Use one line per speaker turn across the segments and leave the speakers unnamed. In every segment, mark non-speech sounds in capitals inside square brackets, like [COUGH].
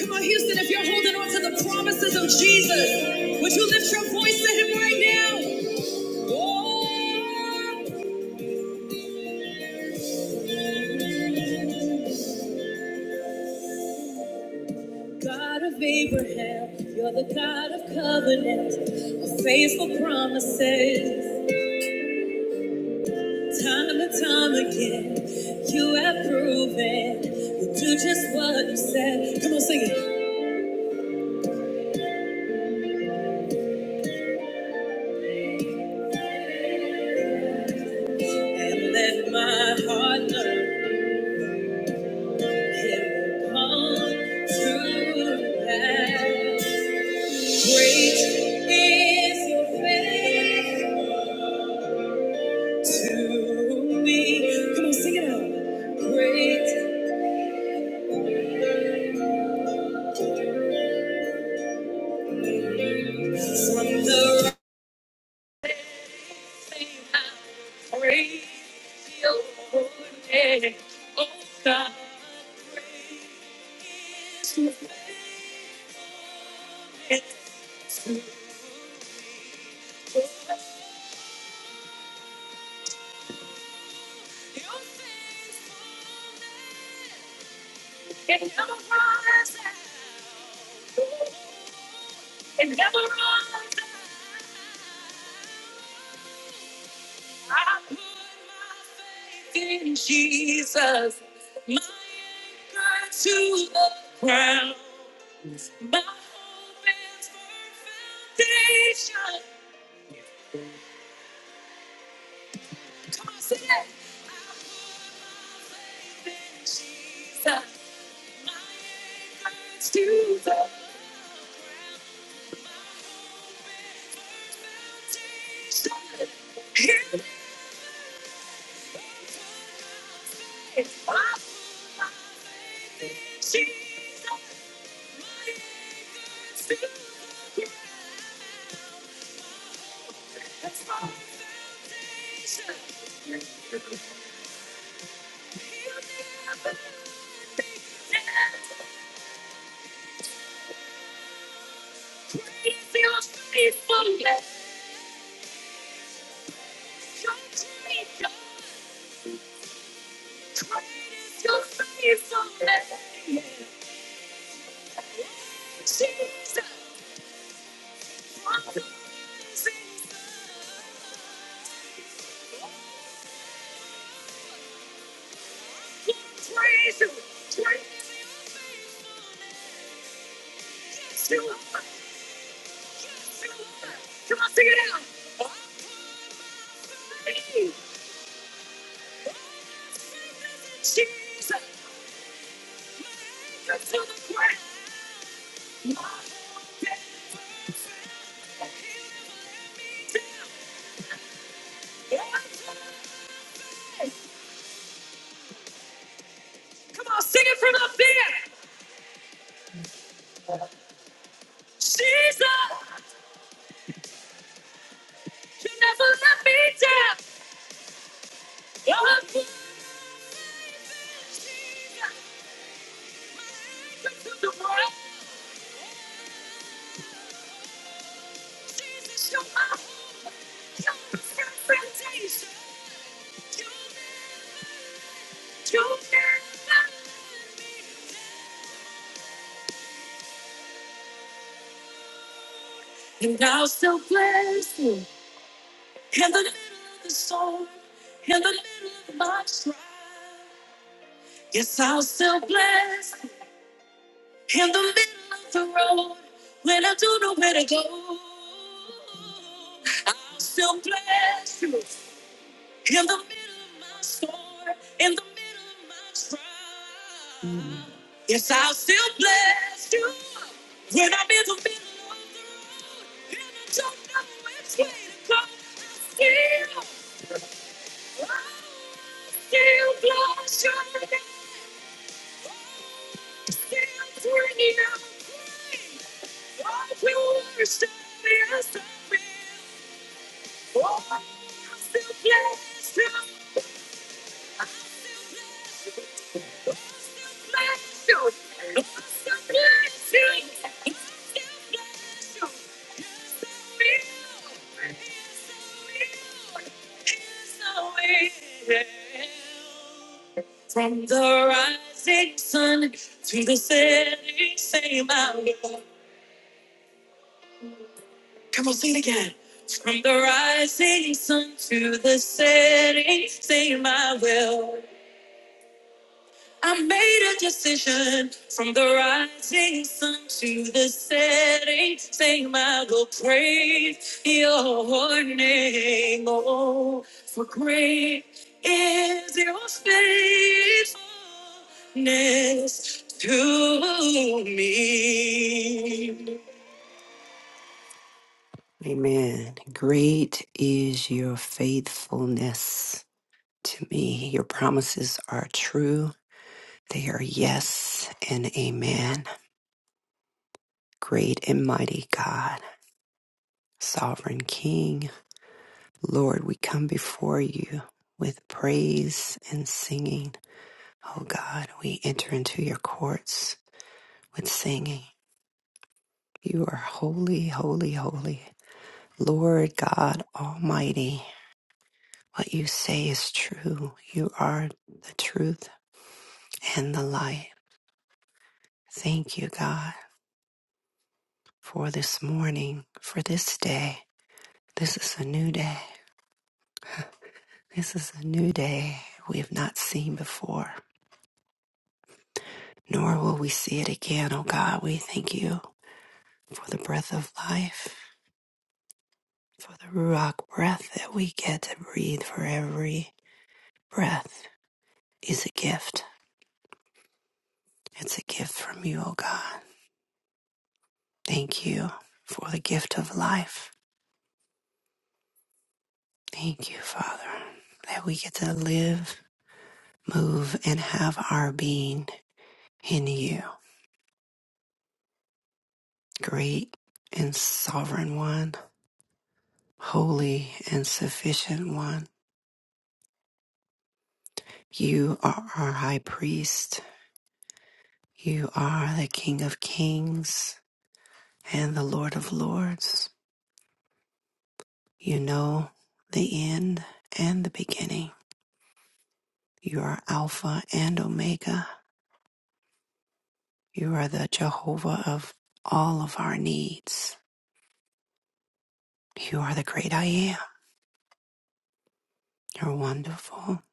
Come on, Houston, if you're holding on to the promises of Jesus, would you lift your voice to him right now? Oh, God of Abraham, you're the God of covenant, of faithful promises. Time and time again, you have proven you do just what you said. Come on, sing it. And let my heart learn it will come true. Great is your faith to me. Come on, sing it out. Great from the Amen. Great is your faithfulness to me. Your promises are true. They are yes and amen. Great and mighty God, sovereign King, Lord, we come before you with praise and singing. Oh God, we enter into your courts with singing. You are holy, holy, holy. Lord God Almighty, what you say is true. You are the truth and the light. Thank you, God, for this morning, for this day. This is a new day. This is a new day we have not seen before, nor will we see it again, oh God. We thank you for the breath of life, for the Ruach breath that we get to breathe for every breath is a gift. It's a gift from you, O God. Thank you for the gift of life. Thank you, Father, that we get to live, move, and have our being in you. Great and sovereign one, holy and sufficient one. You are our high priest. You are the King of kings and the Lord of lords. You know the end and the beginning. You are Alpha and Omega. You are the Jehovah of all of our needs. You are the great I am. You're wonderful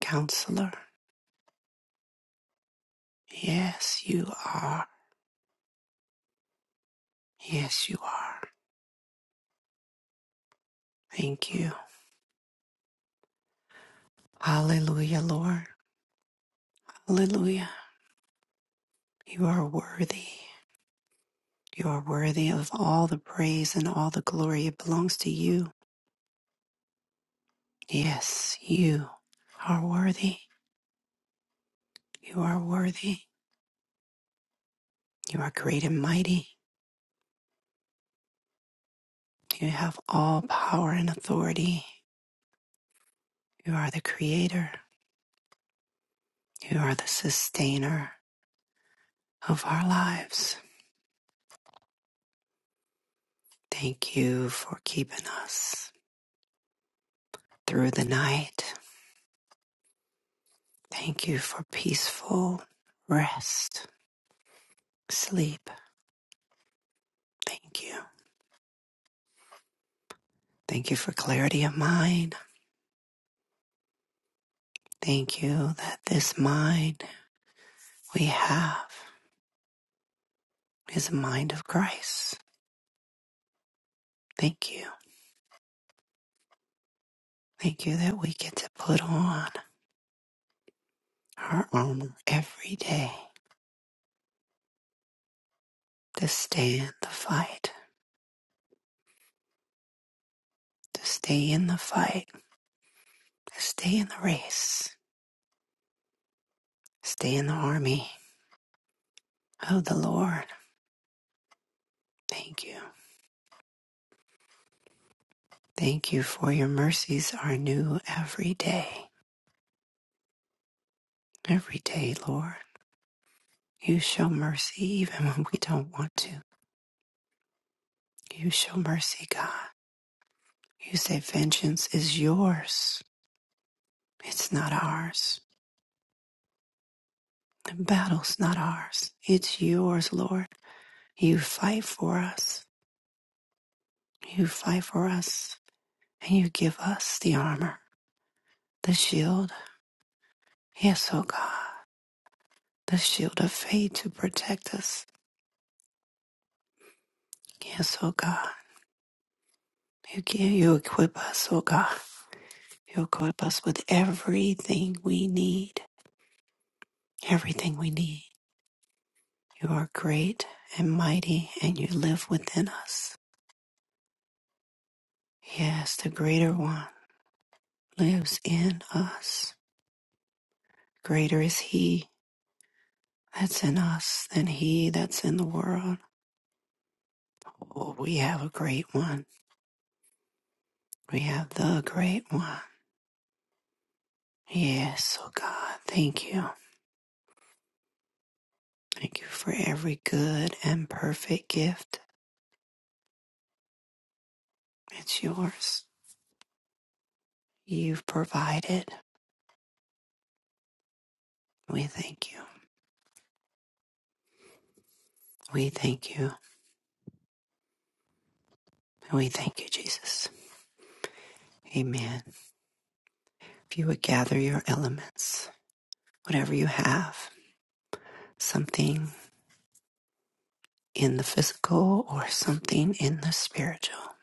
counselor. Yes, you are. Yes, you are. Thank you. Hallelujah, Lord. Hallelujah. You are worthy. You are worthy of all the praise and all the glory. It belongs to you. Yes, you are worthy. You are worthy. You are great and mighty. You have all power and authority. You are the creator. You are the sustainer of our lives. Thank you for keeping us through the night. Thank you for peaceful rest, sleep. Thank you. Thank you for clarity of mind. Thank you that this mind we have is a mind of Christ. Thank you. Thank you that we get to put on our armor every day to stand the fight, to stay in the fight, to stay in the race. Stay in the army of the Lord. Thank you. Thank you for your mercies are new every day. Every day, Lord. You show mercy even when we don't want to. You show mercy, God. You say vengeance is yours. It's not ours. The battle's not ours. It's yours, Lord. You fight for us. You fight for us. And you give us the armor, the shield. Yes, O God, the shield of faith to protect us Yes, oh God. You give, you equip us, oh God. You equip us with everything we need. Everything we need. You are great and mighty and you live within us. Yes, the greater one lives in us. Greater is he that's in us than he that's in the world. Oh, we have a great one. We have the great one. Yes, oh God, thank you. Thank you for every good and perfect gift It's yours. You've provided. We thank you. We thank you. We thank you, Jesus. Amen. If you would gather your elements, whatever you have, something in the physical or something in the spiritual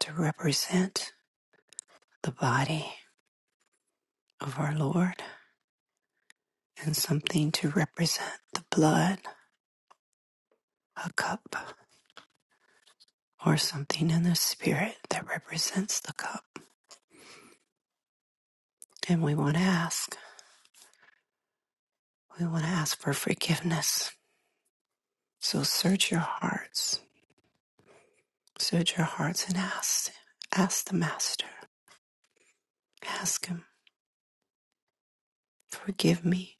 to represent the body of our Lord and something to represent the blood, a cup, or something in the spirit that represents the cup. And we want to ask, we want to ask for forgiveness So search your hearts, search your hearts and ask, ask the Master, ask Him, forgive me,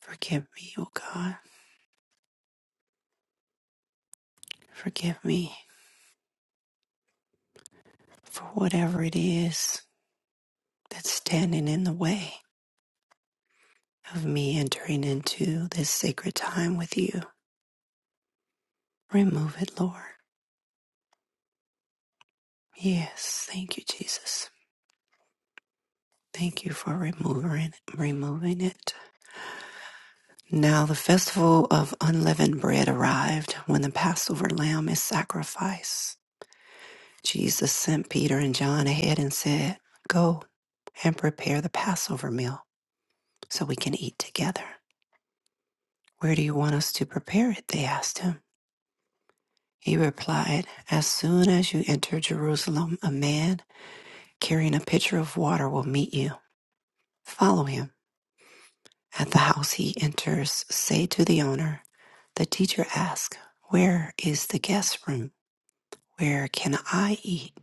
forgive me, O God, forgive me for whatever it is that's standing in the way of me entering into this sacred time with you. Remove it, Lord. Yes, thank you, Jesus. Thank you for removing removing it. Now the festival of unleavened bread arrived when the Passover lamb is sacrificed. Jesus sent Peter and John ahead and said, Go and prepare the Passover meal so we can eat together. Where do you want us to prepare it? They asked him. He replied, As soon as you enter Jerusalem, a man carrying a pitcher of water will meet you. Follow him. At the house he enters, say to the owner, 'The teacher asks, Where is the guest room? Where can I eat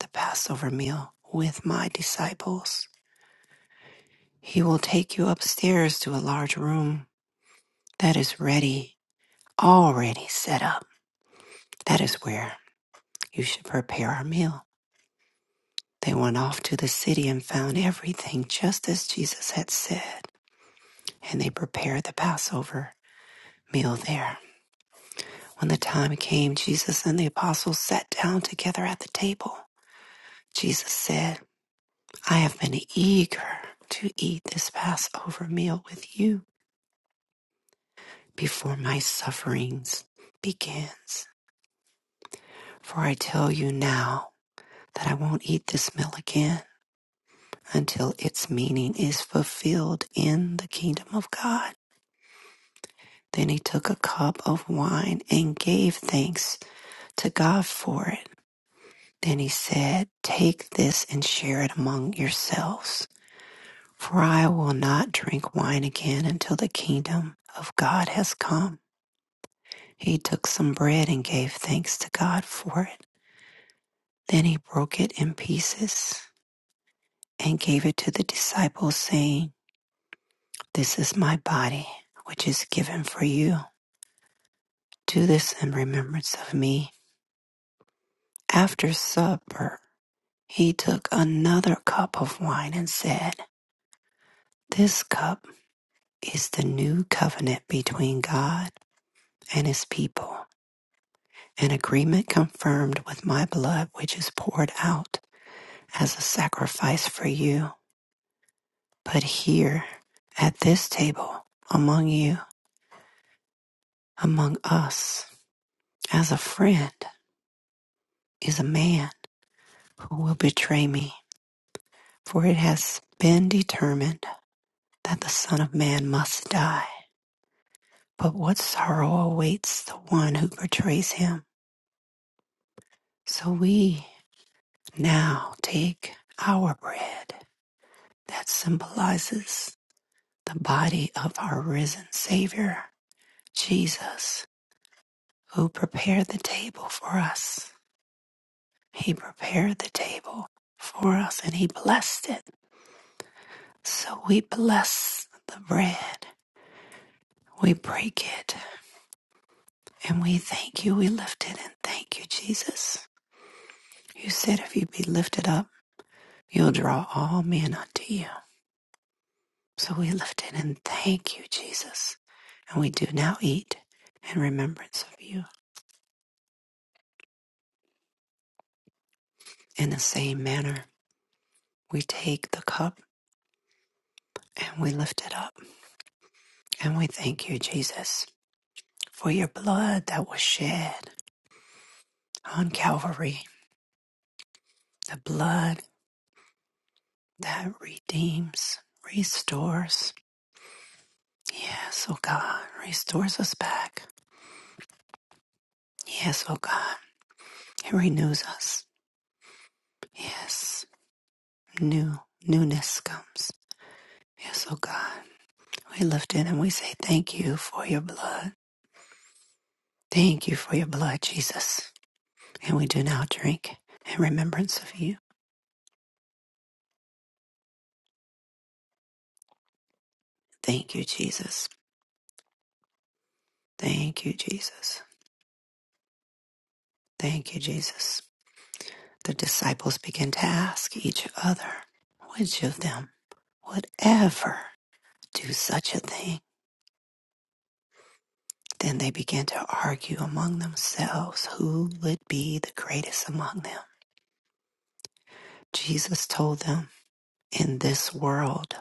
the Passover meal with my disciples? He will take you upstairs to a large room that is ready, already set up. That is where you should prepare our meal. They went off to the city and found everything just as Jesus had said, and they prepared the Passover meal there. When the time came, Jesus and the apostles sat down together at the table. Jesus said, I have been eager to eat this Passover meal with you before my sufferings begins. For I tell you now that I won't eat this meal again until its meaning is fulfilled in the kingdom of God. Then he took a cup of wine and gave thanks to God for it. Then he said, Take this and share it among yourselves, for I will not drink wine again until the kingdom of God has come. He took some bread and gave thanks to God for it. Then he broke it in pieces and gave it to the disciples, saying, This is my body, which is given for you. Do this in remembrance of me. After supper, he took another cup of wine and said, This cup is the new covenant between God and his people, an agreement confirmed with my blood, which is poured out as a sacrifice for you. But here, at this table, among you, among us, as a friend, is a man who will betray me? For it has been determined that the Son of Man must die. But what sorrow awaits the one who betrays him? So we now take our bread that symbolizes the body of our risen Savior, Jesus, who prepared the table for us. He prepared the table for us and he blessed it. So we bless the bread. We break it And we thank you. We lift it and thank you, Jesus. You said if you be lifted up, you'll draw all men unto you. So we lift it and thank you, Jesus. And we do now eat in remembrance of you. In the same manner, we take the cup and we lift it up. And we thank you, Jesus, for your blood that was shed on Calvary, the blood that redeems, restores. Yes, oh God, restores us back Yes, oh God. It renews us. Yes. New newness comes. Yes, oh God. We lift it and we say thank you for your blood. Thank you for your blood, Jesus. And we do now drink in remembrance of you. Thank you, Jesus. Thank you, Jesus. Thank you, Jesus. The disciples began to ask each other, which of them would ever do such a thing? Then they began to argue among themselves who would be the greatest among them. Jesus told them, In this world,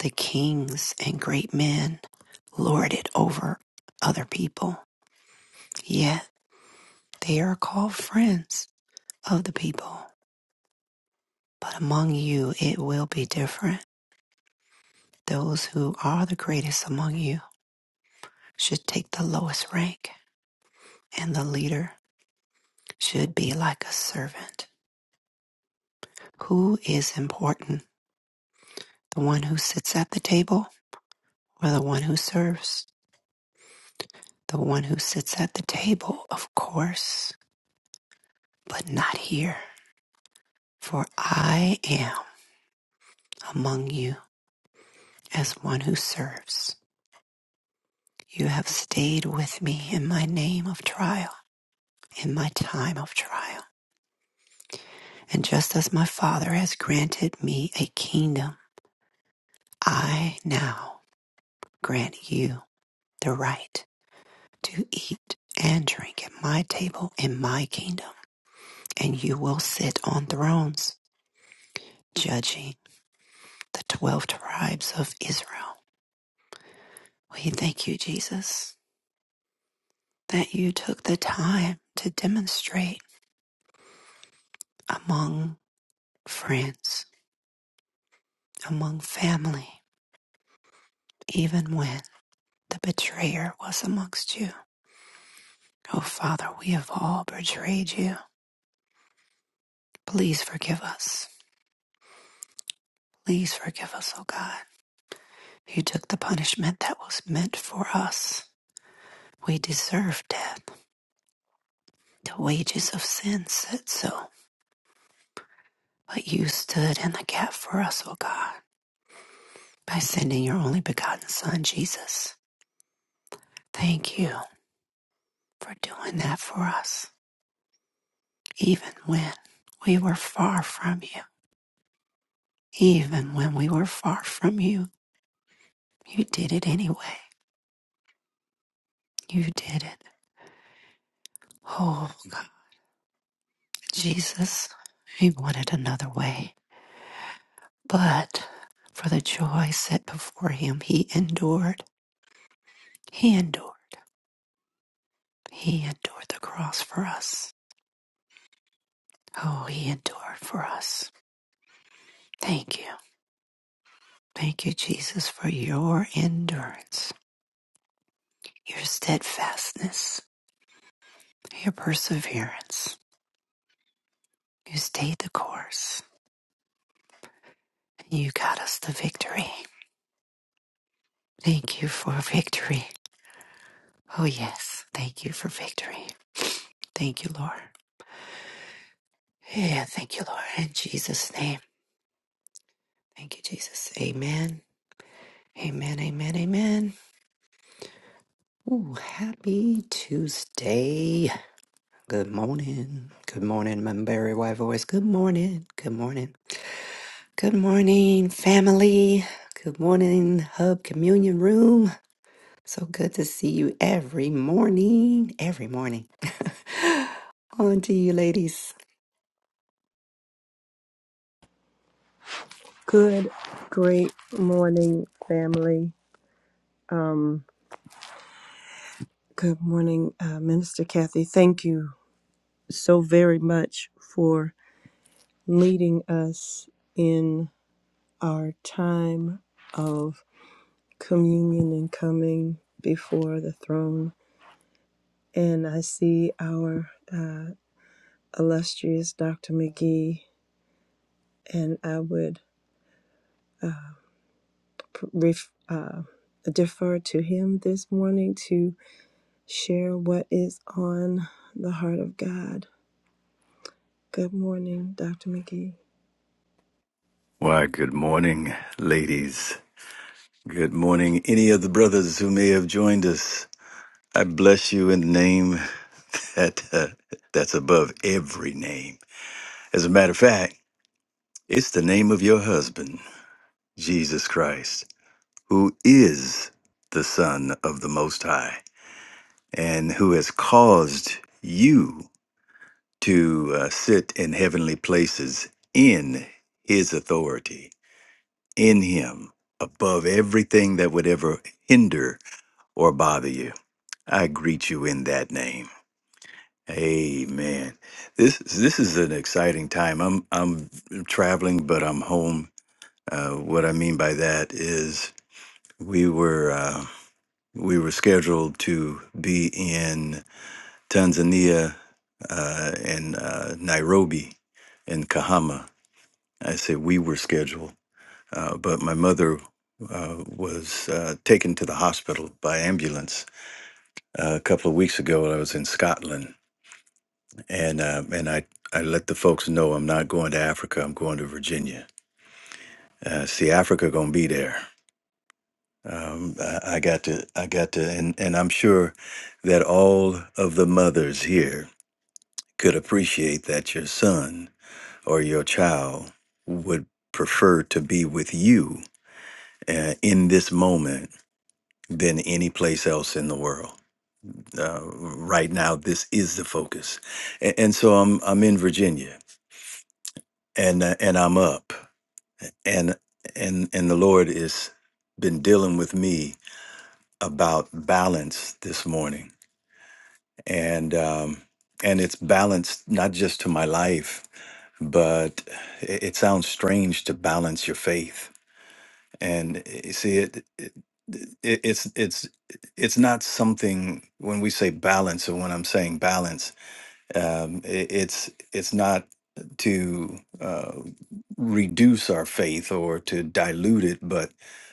the kings and great men lord it over other people, yet they are called friends of the people. But among you, it will be different. Those who are the greatest among you should take the lowest rank, and the leader should be like a servant who is important The one who sits at the table or the one who serves? The one who sits at the table, of course, but not here. For I am among you as one who serves. You have stayed with me in my name of trial, in my time of trial. And just as my Father has granted me a kingdom, I now grant you the right to eat and drink at my table in my kingdom. and you will sit on thrones, judging the 12 tribes of Israel. We thank you, Jesus, that you took the time to demonstrate among friends, among family, even when the betrayer was amongst you. Oh, Father, we have all betrayed you. Please forgive us. Please forgive us, oh God. You took the punishment that was meant for us. We deserve death. The wages of sin said so But you stood in the gap for us, O God, by sending your only begotten Son, Jesus. Thank you for doing that for us, even when we were far from you. Even when we were far from you, you did it anyway. You did it. Oh, God, Jesus, he wanted another way. But for the joy set before him, he endured. He endured. He endured the cross for us. Oh, he endured for us. Thank you. Thank you, Jesus, for your endurance, your steadfastness, your perseverance. You stayed the course. You got us the victory. Thank you for victory. Oh, yes. Thank you for victory. Thank you, Lord. Yeah, thank you, Lord. In Jesus' name. Thank you, Jesus. Amen. Amen. Amen. Amen. Ooh, happy Tuesday. Good morning. Good morning, my Barry White voice. Good morning. Good morning. Good morning, family. Good morning, Hub Communion Room. So good to see you every morning. Every morning. [LAUGHS] On to you, ladies.
Good, great morning, family. Um, good morning, uh, Minister Kathy. Thank you so very much for leading us in our time of communion and coming before the throne. And I see our uh, illustrious Dr. McGee, and I would pr- ref- uh, defer to him this morning to. share what is on the heart of God. Good morning, Dr. McGee.
Why, good morning, ladies. Good morning, any of the brothers who may have joined us. I bless you in the name that, [LAUGHS] uh, that's above every name. As a matter of fact, it's the name of your husband, Jesus Christ, who is the Son of the Most High and who has caused you to uh, sit in heavenly places in his authority, in him, above everything that would ever hinder or bother you. I greet you in that name. Amen. This this is an exciting time. I'm I'm traveling, but I'm home. Uh, what I mean by that is we were uh, we were scheduled to be in Tanzania uh, in uh, Nairobi in Kahama. I say we were scheduled, uh, but my mother uh, was uh, taken to the hospital by ambulance uh, a couple of weeks ago. I was in Scotland and uh, and I I let the folks know I'm not going to Africa. I'm going to Virginia. Uh, see, Africa gonna be there. Um, I, I got to I got to, and and I'm sure that all of the mothers here could appreciate that your son or your child would prefer to be with you uh, in this moment than any place else in the world. Uh, right now, this is the focus, and, and so I'm I'm in Virginia, and uh, and I'm up. and and and the lord has been dealing with me about balance this morning and um and it's balanced not just to my life but it, it sounds strange to balance your faith and you see it, it it- it's it's it's not something when we say balance or when i'm saying balance um, i- it's it's not to uh, reduce our faith or to dilute it, but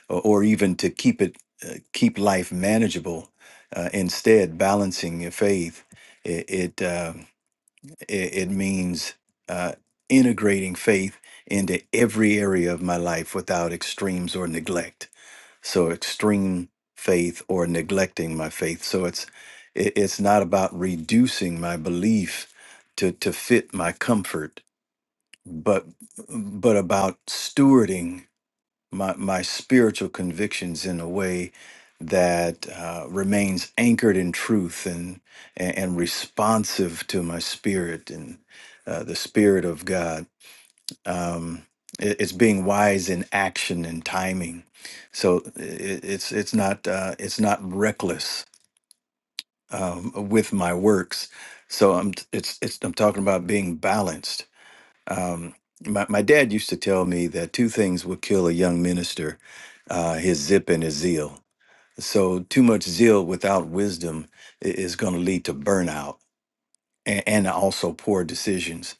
or or even to keep it uh, keep life manageable. Uh, instead, balancing your faith, it it, uh, it, it means uh, integrating faith into every area of my life without extremes or neglect so extreme faith or neglecting my faith so it's it, it's not about reducing my belief to to fit my comfort but but about stewarding my my spiritual convictions in a way that uh, remains anchored in truth and, and and responsive to my spirit and uh, the spirit of God um, it, it's being wise in action and timing. So it, it's it's not uh, it's not reckless um, with my works. So I'm t- it's it's I'm talking about being balanced. Um, my my dad used to tell me that two things would kill a young minister: uh, his zip and his zeal. So too much zeal without wisdom i- is going to lead to burnout and, and also poor decisions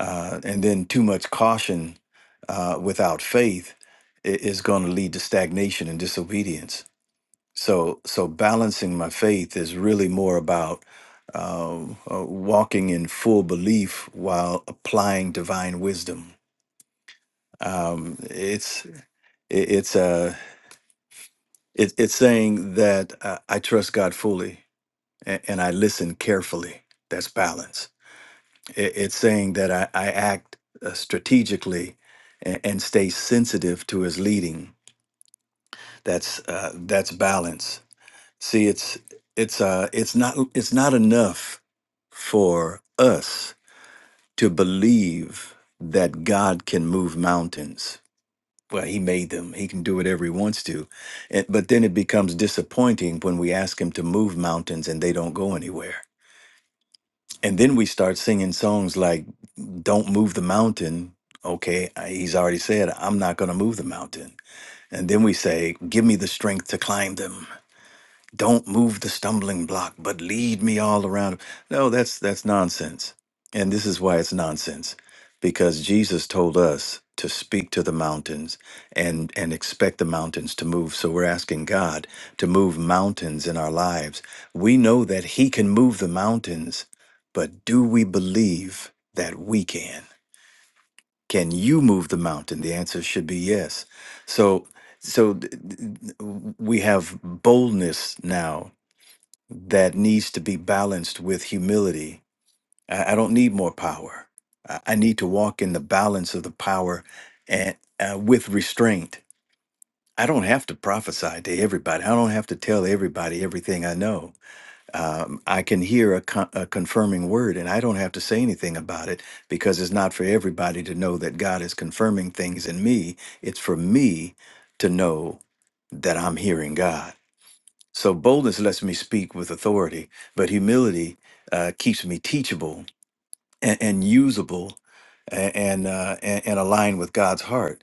uh, and then too much caution uh, without faith i- is going to lead to stagnation and disobedience. So, so balancing my faith is really more about uh, uh, walking in full belief while applying divine wisdom. Um, it's it, it's uh, it, it's saying that uh, I trust God fully and, and I listen carefully. That's balance It, it's saying that I, I act uh, strategically and, and stay sensitive to his leading. That's uh, that's balance. See, it's it's uh, it's not it's not enough for us to believe that God can move mountains. Well, He made them. He can do whatever He wants to, and, but then it becomes disappointing when we ask Him to move mountains and they don't go anywhere And then we start singing songs like Don't Move the Mountain. Okay, I- he's already said, I'm not going to move the mountain. And then we say, Give me the strength to climb them don't move the stumbling block but lead me all around no that's that's nonsense and this is why it's nonsense because jesus told us to speak to the mountains and and expect the mountains to move so we're asking god to move mountains in our lives we know that he can move the mountains but do we believe that we can can you move the mountain the answer should be yes so so th- th- th- we have boldness now that needs to be balanced with humility. I, I don't need more power. I, I need to walk in the balance of the power and uh, with restraint. I don't have to prophesy to everybody. I don't have to tell everybody everything I know. Um, I can hear a, con- a confirming word, and I don't have to say anything about it because it's not for everybody to know that God is confirming things in me. It's for me to know that I'm hearing God. So boldness lets me speak with authority, but humility uh, keeps me teachable and, and usable a- and, uh, and and aligned with God's heart.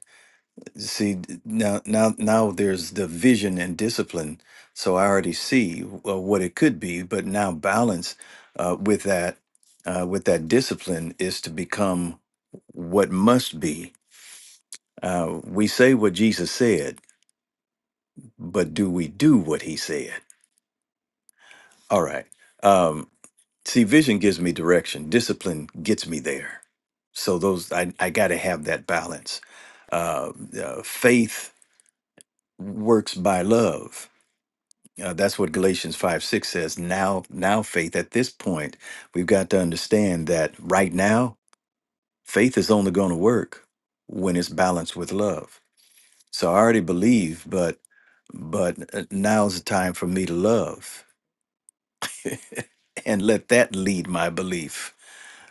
See d- now now now there's the vision and discipline. So I already see uh, what it could be, but now balance uh, with that uh, with that discipline is to become what must be. Uh, we say what Jesus said, but do we do what He said? All right. Um, See, vision gives me direction. Discipline gets me there. So those, I, I got to have that balance. Uh, uh, faith works by love. Uh, that's what Galatians five six says. Now, now faith. At this point, we've got to understand that right now, faith is only going to work when it's balanced with love. So I already believe, but but uh, now's the time for me to love and let that lead my belief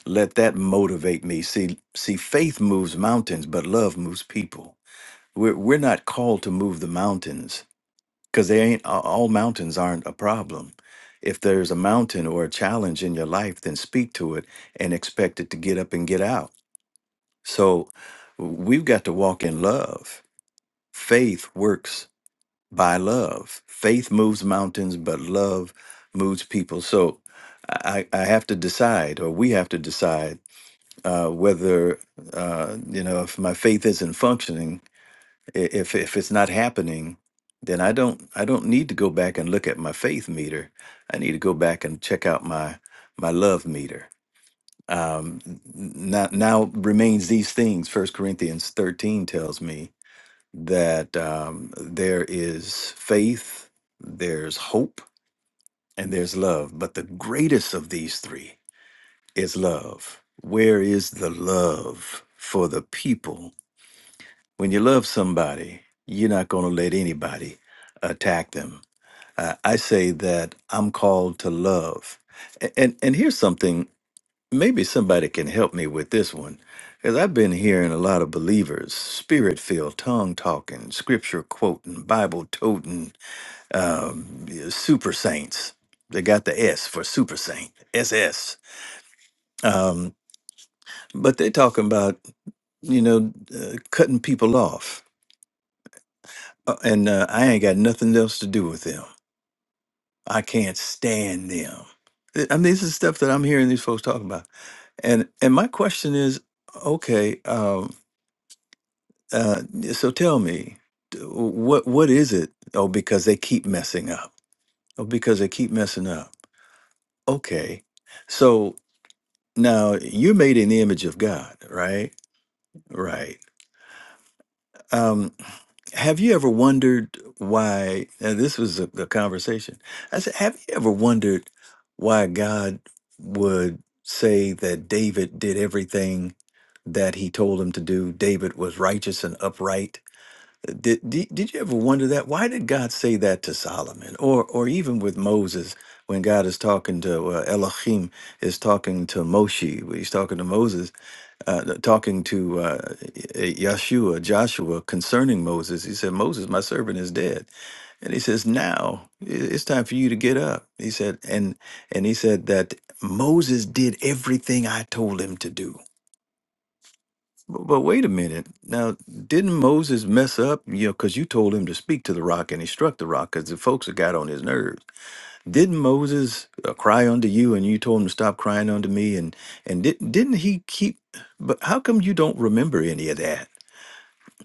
let that motivate me see see faith moves mountains but love moves people we're, we're not called to move the mountains because they ain't a- all mountains aren't a problem if there's a mountain or a challenge in your life then speak to it and expect it to get up and get out so we've got to walk in love faith works by love faith moves mountains but love moves people so i, I have to decide or we have to decide uh, whether uh, you know if my faith isn't functioning, i- if if it's not happening, then I don't I don't need to go back and look at my faith meter. I need to go back and check out my my love meter. Um, n- now, now remains these things. First Corinthians thirteen tells me that um, there is faith, there's hope, and there's love. But the greatest of these three is love. Where is the love for the people? When you love somebody, you're not going to let anybody attack them. Uh, I say that I'm called to love. A- And, and here's something, maybe somebody can help me with this one, because I've been hearing a lot of believers, spirit filled, tongue talking, scripture quoting, Bible toting, um, super saints. They got the S for super saint, SS. Um, but they're talking about you know, uh, cutting people off. Uh, and uh, I ain't got nothing else to do with them. I can't stand them. Th- I mean, this is stuff that I'm hearing these folks talking about. And and my question is, okay, um, uh, so tell me, d- what what is it? Oh, because they keep messing up. Oh, because they keep messing up. Okay, so now you're made in the image of God, right? Right. Um, Have you ever wondered why? And this was a, a conversation. I said, Have you ever wondered why God would say that David did everything that he told him to do? David was righteous and upright. Did, did, did you ever wonder that? Why did God say that to Solomon or, or even with Moses when God is talking to uh, Elohim, is talking to Moshe, when he's talking to Moses? uh, talking to uh, Yeshua, Joshua, concerning Moses. He said, Moses, my servant is dead. And he says, now i- it's time for you to get up. He said, and and he said that Moses did everything I told him to do. But, but wait a minute. Now, didn't Moses mess up? You know, because you told him to speak to the rock and he struck the rock because the folks had got on his nerves. Didn't Moses uh, cry unto you, and you told him to stop crying unto me? And and did, didn't he keep? But how come you don't remember any of that?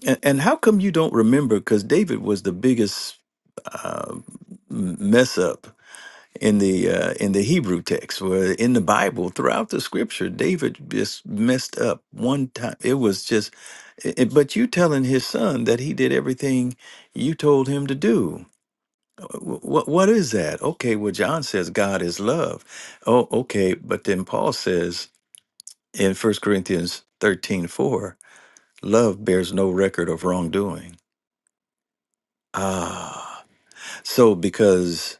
And, and how come you don't remember? Because David was the biggest uh, m- mess up in the uh, in the Hebrew text, where in the Bible, throughout the Scripture, David just messed up one time. It was just. i- i- but you telling his son that he did everything you told him to do what what is that? Okay, well John says God is love. Oh, okay, but then Paul says in First Corinthians 13 4, love bears no record of wrongdoing. Ah. So because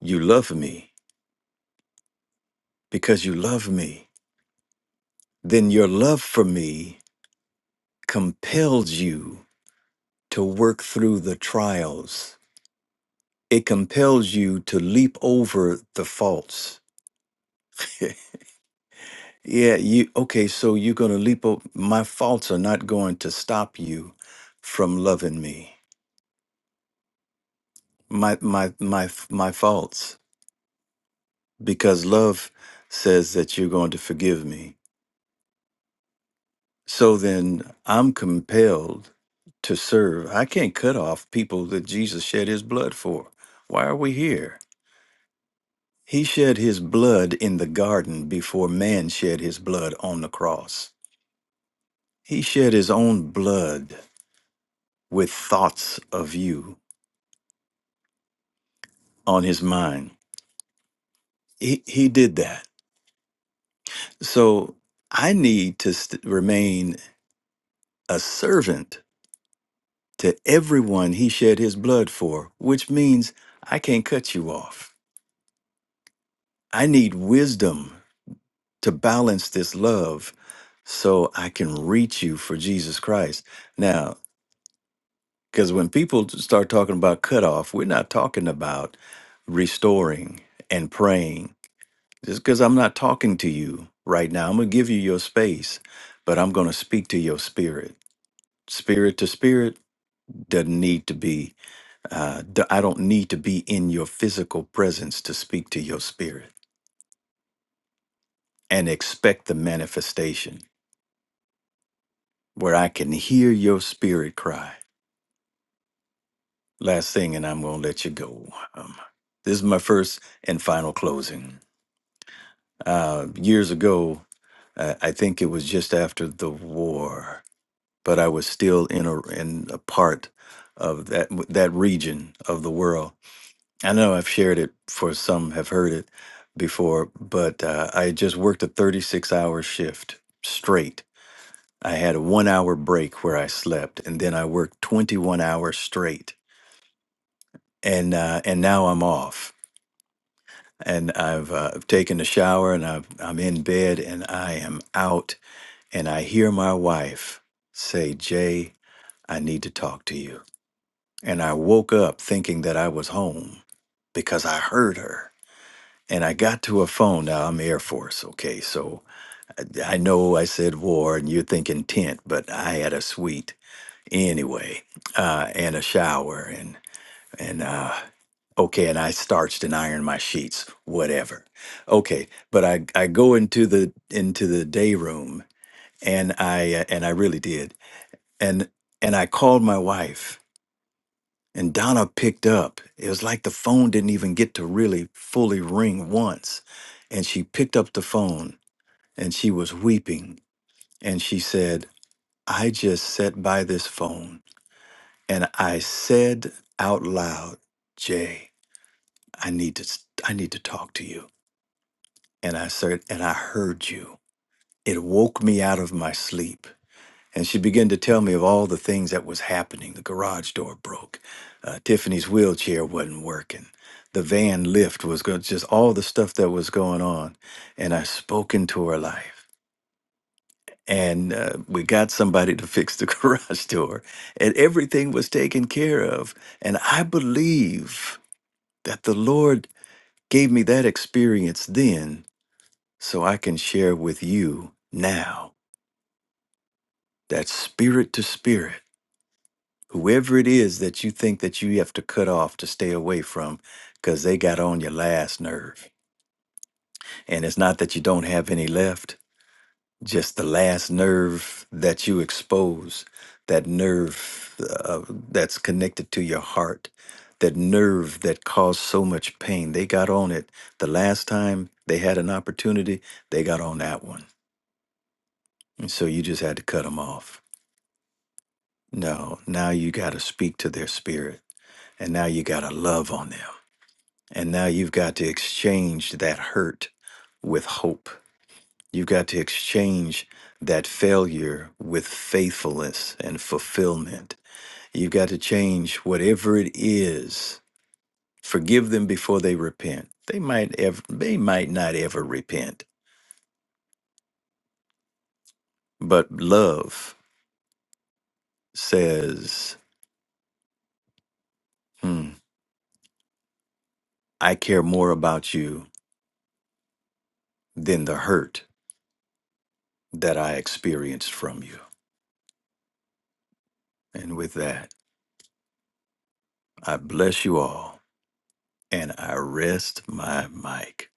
you love me, because you love me, then your love for me compels you to work through the trials. It compels you to leap over the faults. [LAUGHS] Yeah, you okay, so you're gonna leap up my faults are not going to stop you from loving me. My my my my faults. Because love says that you're going to forgive me. So then I'm compelled to serve. I can't cut off people that Jesus shed his blood for. Why are we here? He shed his blood in the garden before man shed his blood on the cross. He shed his own blood with thoughts of you. on his mind. He, he did that. So I need to st- remain a servant to everyone he shed his blood for, which means I can't cut you off. I need wisdom to balance this love so I can reach you for Jesus Christ. Now, because when people start talking about cutoff, we're not talking about restoring and praying. Just because I'm not talking to you right now, I'm going to give you your space, but I'm going to speak to your spirit. Spirit to spirit doesn't need to be, uh, d- I don't need to be in your physical presence to speak to your spirit and expect the manifestation where I can hear your spirit cry. Last thing, and I'm going to let you go. Um, this is my first and final closing. Uh, years ago, uh, I think it was just after the war. but I was still in a in a part of that that region of the world. I know I've shared it for some have heard it before, but uh, I just worked a 36 hour shift straight. I had a one hour break where I slept, and then I worked 21 hours straight, and uh, and now I'm off. And I've uh, taken a shower, and I've, I'm in bed, and I am out, and I hear my wife say, "Jay, I need to talk to you." And I woke up thinking that I was home because I heard her. And I got to a phone. Now I'm Air Force, okay? So I, I know I said war and you're thinking tent, but I had a suite anyway, uh, and a shower and, and, uh, okay, and I starched and ironed my sheets, whatever. Okay, but I, I go into the, into the day room and I, uh, and I really did. And, and I called my wife And Donna picked up. It was like the phone didn't even get to really fully ring once. And she picked up the phone and she was weeping. And she said, I just sat by this phone and I said out loud, Jay, I need to s- I need to talk to you. And I said, and I heard you. It woke me out of my sleep. And she began to tell me of all the things that was happening. The garage door broke. Uh, Tiffany's wheelchair wasn't working. The van lift was going, just all the stuff that was going on. And I spoke into her life. And uh, we got somebody to fix the [LAUGHS] garage door. And everything was taken care of. And I believe that the Lord gave me that experience then so I can share with you now that spirit to spirit. whoever it is that you think that you have to cut off to stay away from because they got on your last nerve and it's not that you don't have any left just the last nerve that you expose that nerve uh, that's connected to your heart that nerve that caused so much pain they got on it the last time they had an opportunity they got on that one and so you just had to cut them off no now you got to speak to their spirit and now you got to love on them And now you've got to exchange that hurt with hope. You've got to exchange that failure with faithfulness and fulfillment. You've got to change whatever it is. Forgive them before they repent. They might ever, they might not ever repent, but love says, hmm, "I care more about you than the hurt that I experienced from you." And with that, I bless you all. and I rest my mic.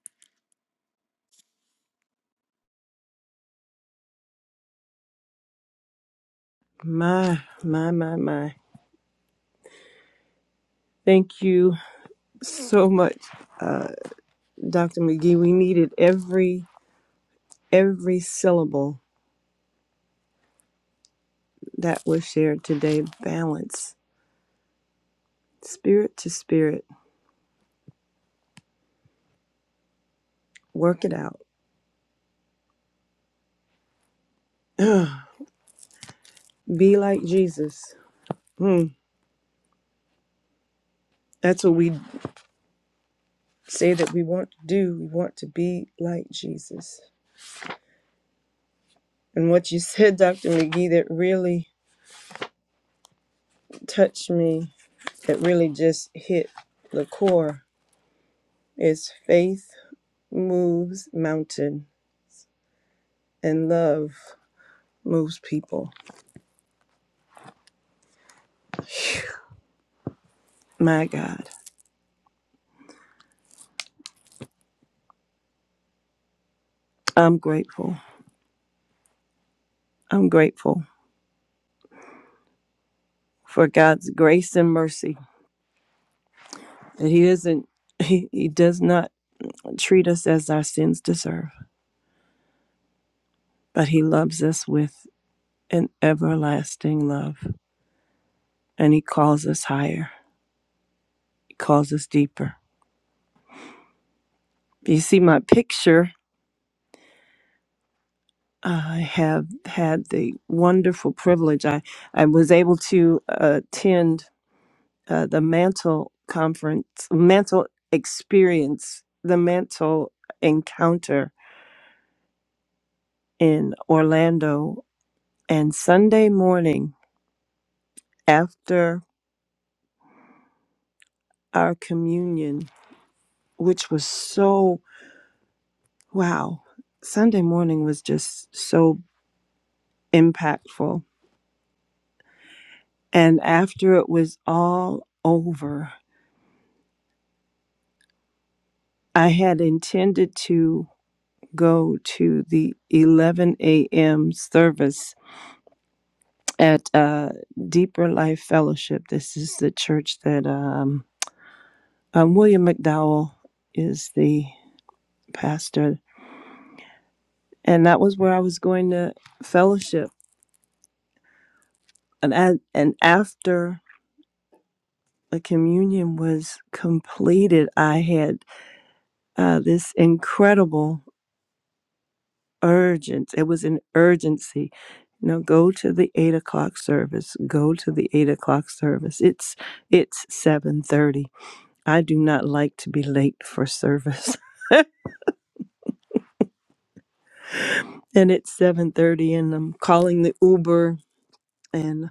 My, my, my, my. Thank you so much, uh, Dr. McGee. We needed every every syllable that was shared today. Balance, spirit to spirit. Work it out. [SIGHS] [CLEARS THROAT] be like Jesus. Hmm. That's what we say that we want to do. We want to be like Jesus. And what you said, Dr. McGee, that really touched me that really just hit the core is faith moves mountain and love moves people. My God, I'm grateful. I'm grateful for God's grace and mercy that he isn't he, he does not treat us as our sins deserve, but he loves us with an everlasting love and he calls us higher. He calls us deeper. You see my picture I have had the wonderful privilege. I, I was able to attend uh, the Mantle Conference, Mantle Experience, the Mantle Encounter in Orlando. And Sunday morning after our communion, which was so wow, Sunday morning was just so impactful. And after it was all over, I had intended to. go to the 11 a.m. service at uh, Deeper Life Fellowship. This is the church that um, um, William McDowell is the pastor, and that was where I was going to fellowship. And I, and after the communion was completed, I had uh, this incredible urgent. It was an urgency. You know, go to the eight o'clock service. Go to the eight o'clock service. It's it's seven thirty. I do not like to be late for service, [LAUGHS] and it's seven thirty, and I'm calling the Uber, and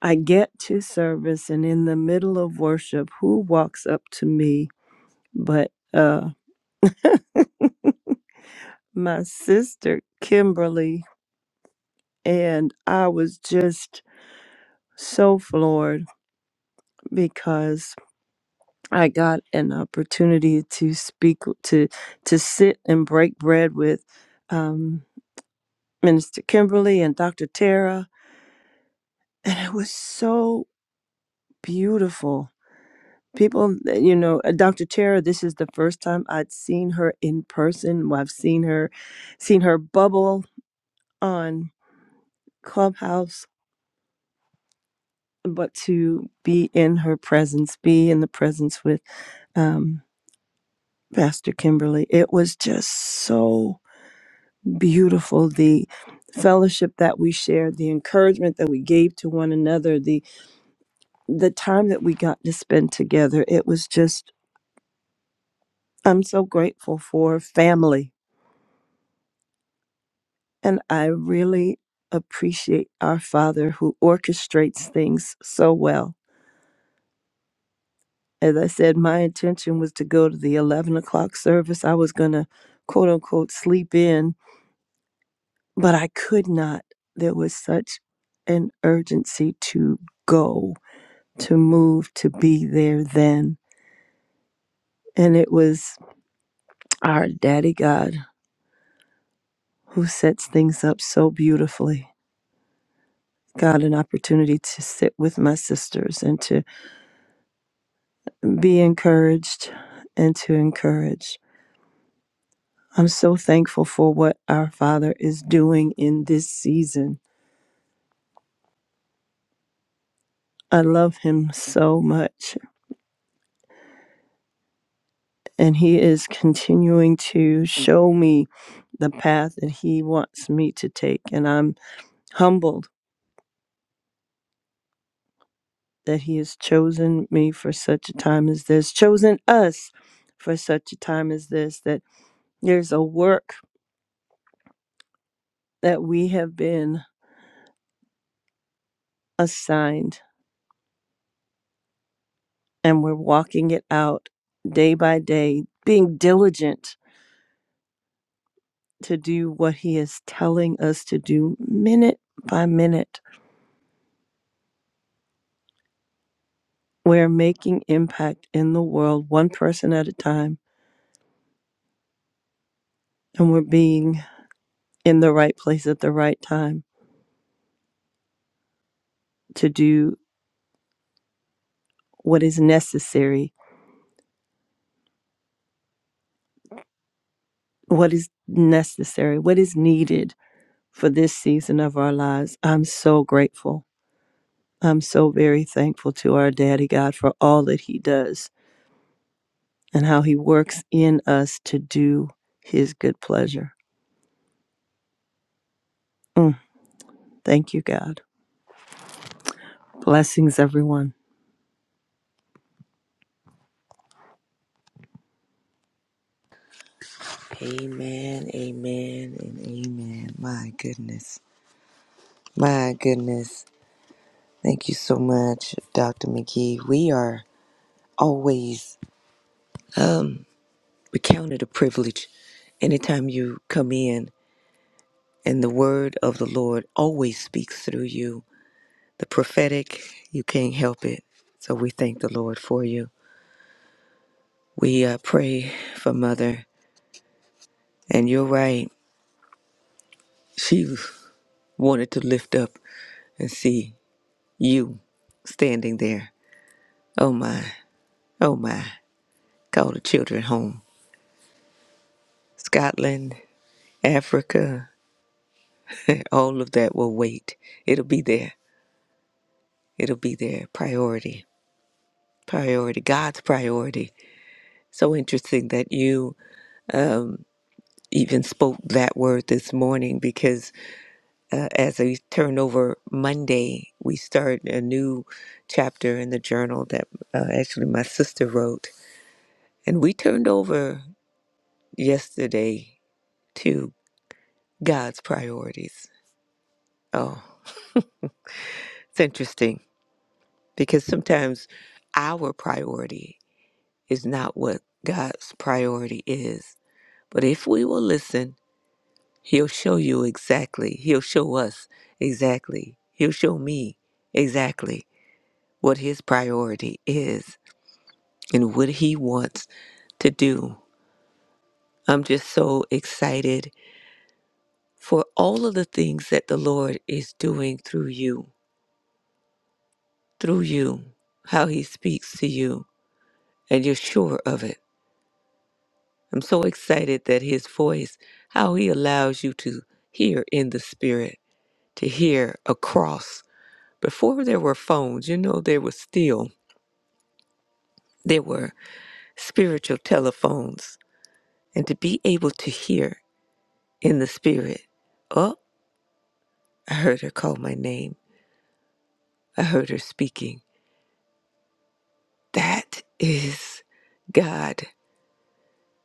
I get to service, and in the middle of worship, who walks up to me but uh my sister Kimberly, and I was just so floored because I got an opportunity to speak to to sit and break bread with um, Minister Kimberly and Dr. Tara, and it was so beautiful. People, you know, uh, Dr. Tara. This is the first time I'd seen her in person. well, I've seen her, seen her bubble on Clubhouse, but to be in her presence, be in the presence with um, Pastor Kimberly, it was just so beautiful the fellowship that we shared the encouragement that we gave to one another the the time that we got to spend together it was just i'm so grateful for family and i really appreciate our father who orchestrates things so well as i said my intention was to go to the 11 o'clock service i was going to quote unquote sleep in but i could not there was such an urgency to go to move to be there then. And it was our daddy God who sets things up so beautifully. Got an opportunity to sit with my sisters and to be encouraged and to encourage. I'm so thankful for what our Father is doing in this season. I love him so much, and he is continuing to show me the path that he wants me to take. And I'm humbled that he has chosen me for such a time as this, chosen us for such a time as this, that there's a work that we have been assigned and we're walking it out day by day, being diligent to do what he is telling us to do minute by minute. We're making impact in the world one person at a time, and we're being in the right place at the right time to do what is necessary what is necessary, what is needed for this season of our lives. I'm so grateful. I'm so very thankful to our Daddy God for all that He does and how He works in us to do His good pleasure. Mm, thank you, God. Blessings, everyone.
Amen, amen, and amen. My goodness. My goodness. Thank you so much, Dr. McGee. We are always we counted a privilege anytime you come in, and the word of the Lord always speaks through you. The prophetic, you can't help it. So we thank the Lord for you. We uh, pray for Mother, and you're right. She wanted to lift up and see you standing there. Oh my. Oh my, call the children home. Scotland, Africa, all of that will wait. It'll be there. It'll be there. Priority, priority, God's priority. So interesting that you um, even spoke that word this morning because uh, as we turn over Monday, we start a new chapter in the journal that uh, actually my sister wrote. And we turned over yesterday to God's priorities. Oh, it's interesting because sometimes our priority is not what God's priority is. But if we will listen, He'll show you exactly, He'll show us exactly, He'll show me exactly what His priority is and what He wants to do. I'm just so excited for all of the things that the Lord is doing through you, through you, how He speaks to you, and you're sure of it I'm so excited that his voice, how he allows you to hear in the spirit, to hear across. Before there were phones, you know, there was still, there were spiritual telephones. And to be able to hear in the spirit, oh, I heard her call my name. I heard her speaking. That is God.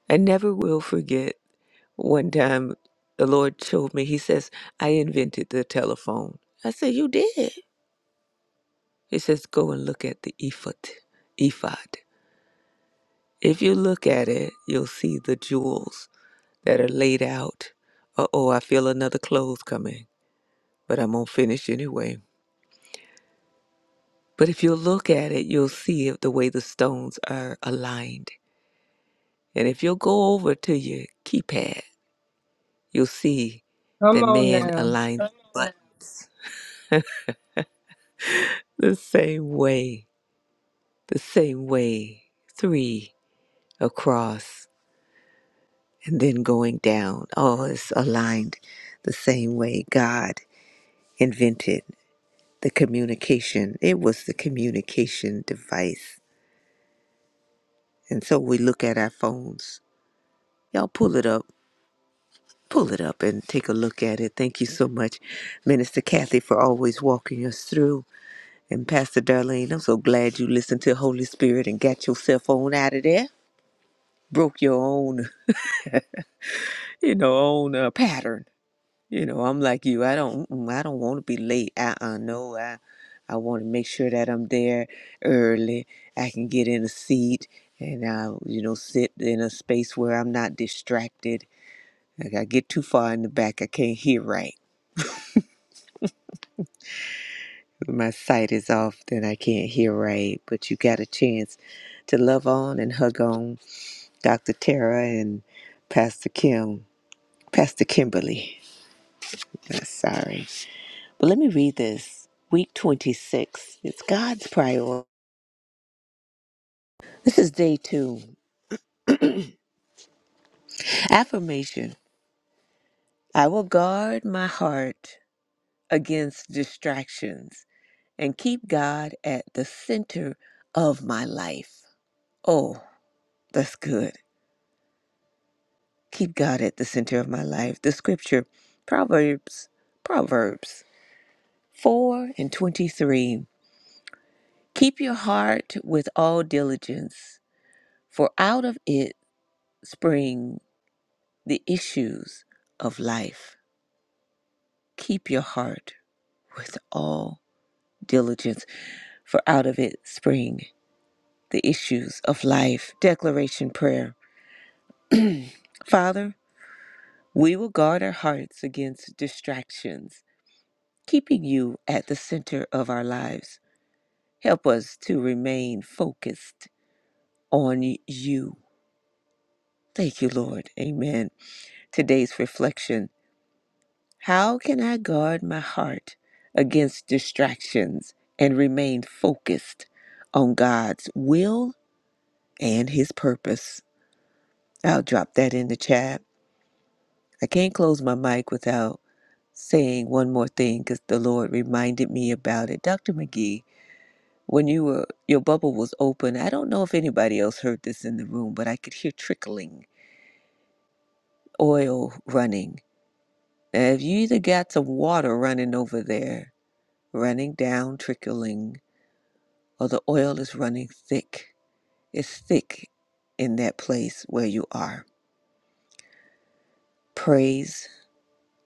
I never will forget one time the Lord showed me, He says, I invented the telephone. I said, You did? It says, Go and look at the ephod. ephod. If you look at it, you'll see the jewels that are laid out. Uh oh, I feel another clothes coming, but I'm going to finish anyway. But if you'll look at it, you'll see it- the way the stones are aligned. And if you'll go over to your keypad, you'll see that man
Yeah.
aligns but the same way, the same way, three across. and then going down. All is aligned the same way God invented the communication. It was the communication device. And so we look at our phones. Y'all pull it up. Pull it up and take a look at it. Thank you so much, Minister Kathy, for always walking us through. And Pastor Darlene, I'm so glad you listened to Holy Spirit and got your cell phone out of there. Broke your own, [LAUGHS] you know, own uh, pattern You know, I'm like you. I don't mm, I don't want to be late. Uh-uh, no. I I want to make sure that I'm there early. I can get in a seat and I, you know, sit in a space where I'm not distracted. Like I get too far in the back, I can't hear right. My sight is off, then I can't hear right. But you got a chance to love on and hug on Dr. Tara and Pastor Kim, Pastor Kimberly. Uh, Sorry. But let me read this. Week 26. It's God's priority. This is day two. Affirmation I will guard my heart against distractions and keep God at the center of my life. Oh, that's good. Keep God at the center of my life. The scripture, Proverbs, Proverbs 4 and 23. Keep your heart with all diligence, for out of it springs the issues of life. Keep your heart with all diligence, for out of it spring the issues of life. Declaration Prayer Father, we will guard our hearts against distractions, keeping you at the center of our lives. Help us to remain focused on you. Thank you, Lord. Amen. Today's reflection How can I guard my heart against distractions and remain focused on God's will and His purpose? I'll drop that in the chat. I can't close my mic without saying one more thing because the Lord reminded me about it. Dr. McGee, when you were your bubble was open, I don't know if anybody else heard this in the room, but I could hear trickling, oil running. Now, if you either got some water running over there, running down, trickling, or the oil is running thick. It's thick in that place where you are. Praise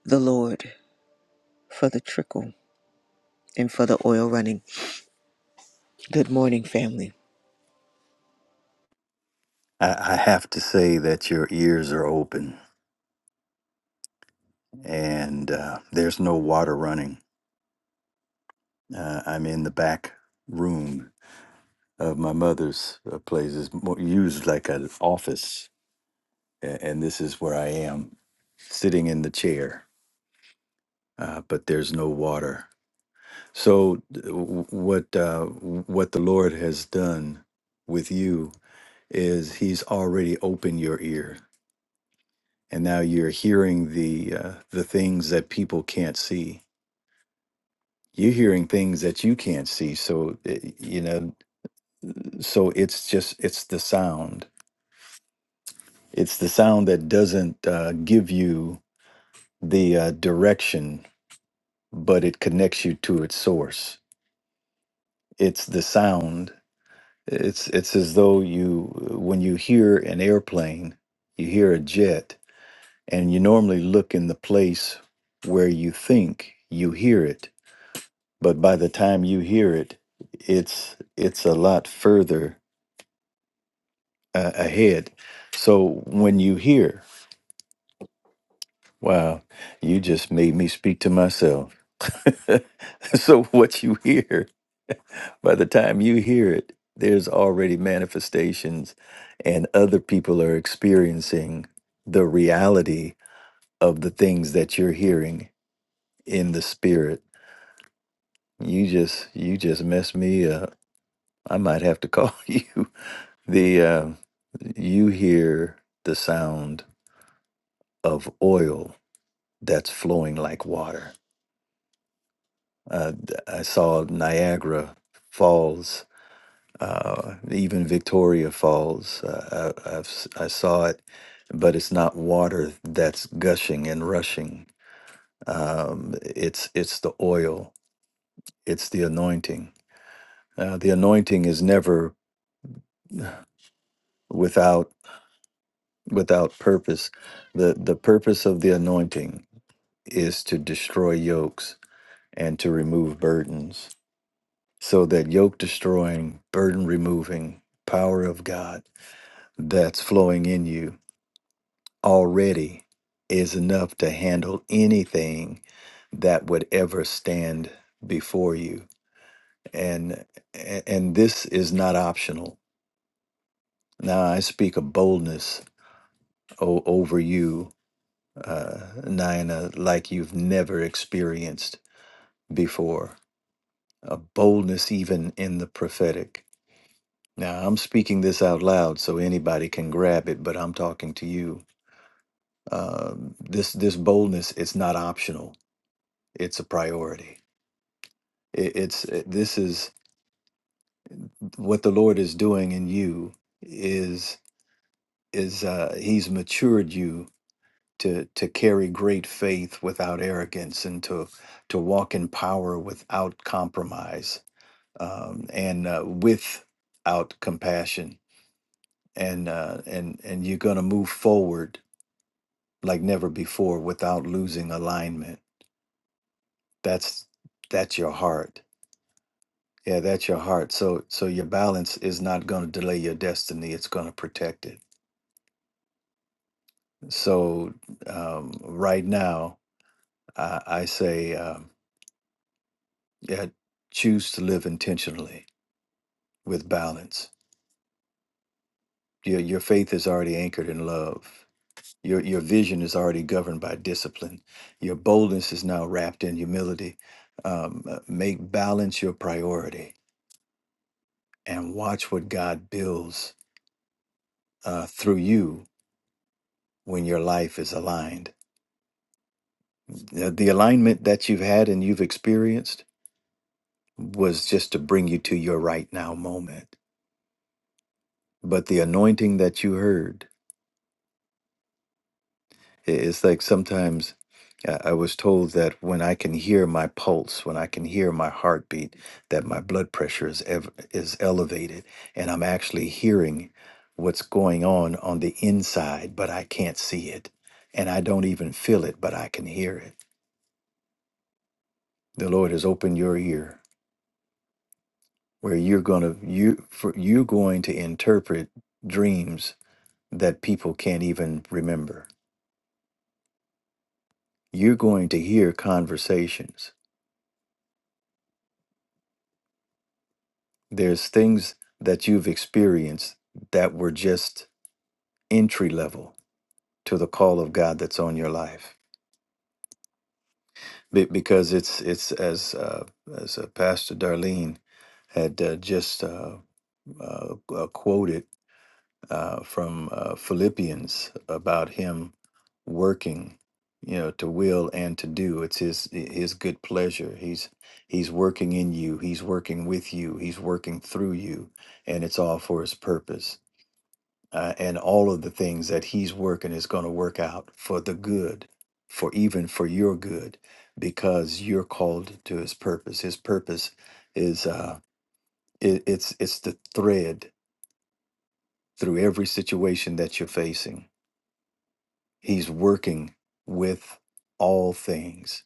the Lord for the trickle and for the oil running. Good morning, family.
I, I have to say that your ears are open and uh, there's no water running. Uh, I'm in the back room of my mother's uh, place. It's more used like an office, and, and this is where I am sitting in the chair, uh, but there's no water. So, th- w- what, uh, what the Lord has done with you is He's already opened your ear and now you're hearing the uh, the things that people can't see you're hearing things that you can't see so uh, you know so it's just it's the sound it's the sound that doesn't uh, give you the uh, direction but it connects you to its source it's the sound it's it's as though you when you hear an airplane you hear a jet and you normally look in the place where you think you hear it but by the time you hear it it's it's a lot further uh, ahead so when you hear wow you just made me speak to myself [LAUGHS] so what you hear by the time you hear it there's already manifestations and other people are experiencing the reality of the things that you're hearing in the spirit you just you just messed me up i might have to call [LAUGHS] you The uh, you hear the sound of oil that's flowing like water. Uh, I saw Niagara Falls, uh, even Victoria Falls. Uh, I, I've, s- I saw it, but it's not water that's gushing and rushing. Um, it's it's the oil. It's the anointing. Uh, the anointing is never without without purpose. the The purpose of the anointing is to destroy yokes and to remove burdens. So that yoke destroying, burden removing power of God that's flowing in you already is enough to handle anything that would ever stand before you. And and this is not optional. Now I speak of boldness o- over you, uh, Nina, like you've never experienced before a boldness even in the prophetic. Now, I'm speaking this out loud so anybody can grab it, but I'm talking to you. Um this this boldness it's not optional. It's a priority. It, it's it- this is what the Lord is doing in you is is uh, he's matured you to to carry great faith without arrogance and to to walk in power without compromise um, and uh, without compassion and uh, and and you're going to move forward like never before without losing alignment. That's that's your heart. Yeah, that's your heart. So so your balance is not going to delay your destiny. It's going to protect it. So um, right now, I, I say, um, yeah, choose to live intentionally with balance. Your your faith is already anchored in love. Your, your vision is already governed by discipline. Your boldness is now wrapped in humility. Um, uh, make balance your priority and watch what God builds uh, through you when your life is aligned. The, the alignment that you've had and you've experienced was just to bring you to your right now moment. But the anointing that you heard I- It's like sometimes I I was told that when I can hear my pulse, when I can hear my heartbeat, that my blood pressure is ev- is elevated, and I'm actually hearing what's going on on the inside, but I can't see it, and I don't even feel it, but I can hear it. The Lord has opened your ear where you're gonna you for, you're going to interpret dreams that people can't even remember. You're going to hear conversations There's things that you've experienced that were just entry level to the call of God that's on your life. Be- because it's it's as uh, as uh, Pastor Darlene had uh, just uh, uh, uh, quoted uh, from uh, Philippians about him working, you know, to will and to do. It's his his good pleasure. He's he's working in you. He's working with you. He's working through you, and it's all for his purpose. uh, and all of the things that he's working is going to work out for the good for even for your good because you're called to his purpose his purpose is uh it, it's it's the thread through every situation that you're facing he's working with all things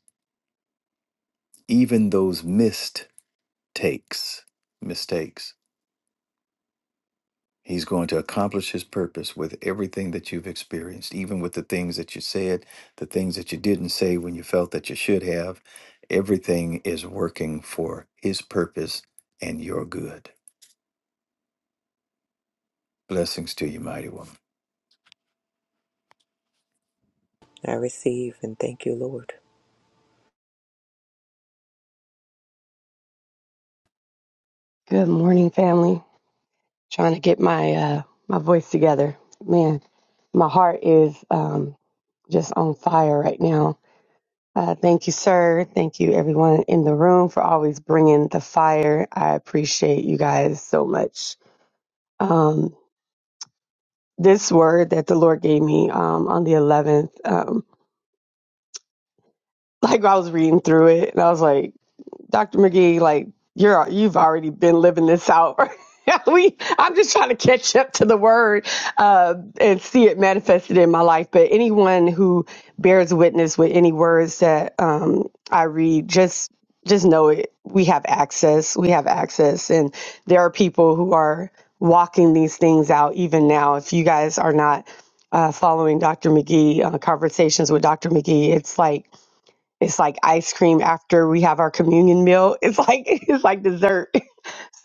even those mistakes mistakes He's going to accomplish his purpose with everything that you've experienced, even with the things that you said, the things that you didn't say when you felt that you should have. Everything is working for his purpose and your good. Blessings to you, mighty woman.
I receive and thank you, Lord.
Good morning, family. Trying to get my uh, my voice together. Man, my heart is um, just on fire right now. Uh, thank you, sir. Thank you, everyone in the room, for always bringing the fire. I appreciate you guys so much. Um, this word that the Lord gave me um, on the 11th, um, [LAUGHS] like I was reading through it, and I was like, Dr. McGee, like you're you've already been living this out. [LAUGHS] we I'm just trying to catch up to the word uh, and see it manifested in my life. But anyone who bears witness with any words that um, I read, just just know it. We have access. We have access, and there are people who are walking these things out even now. If you guys are not uh, following Dr. McGee uh, conversations with Dr. McGee, it's like it's like ice cream after we have our communion meal. It's like [LAUGHS] it's like dessert.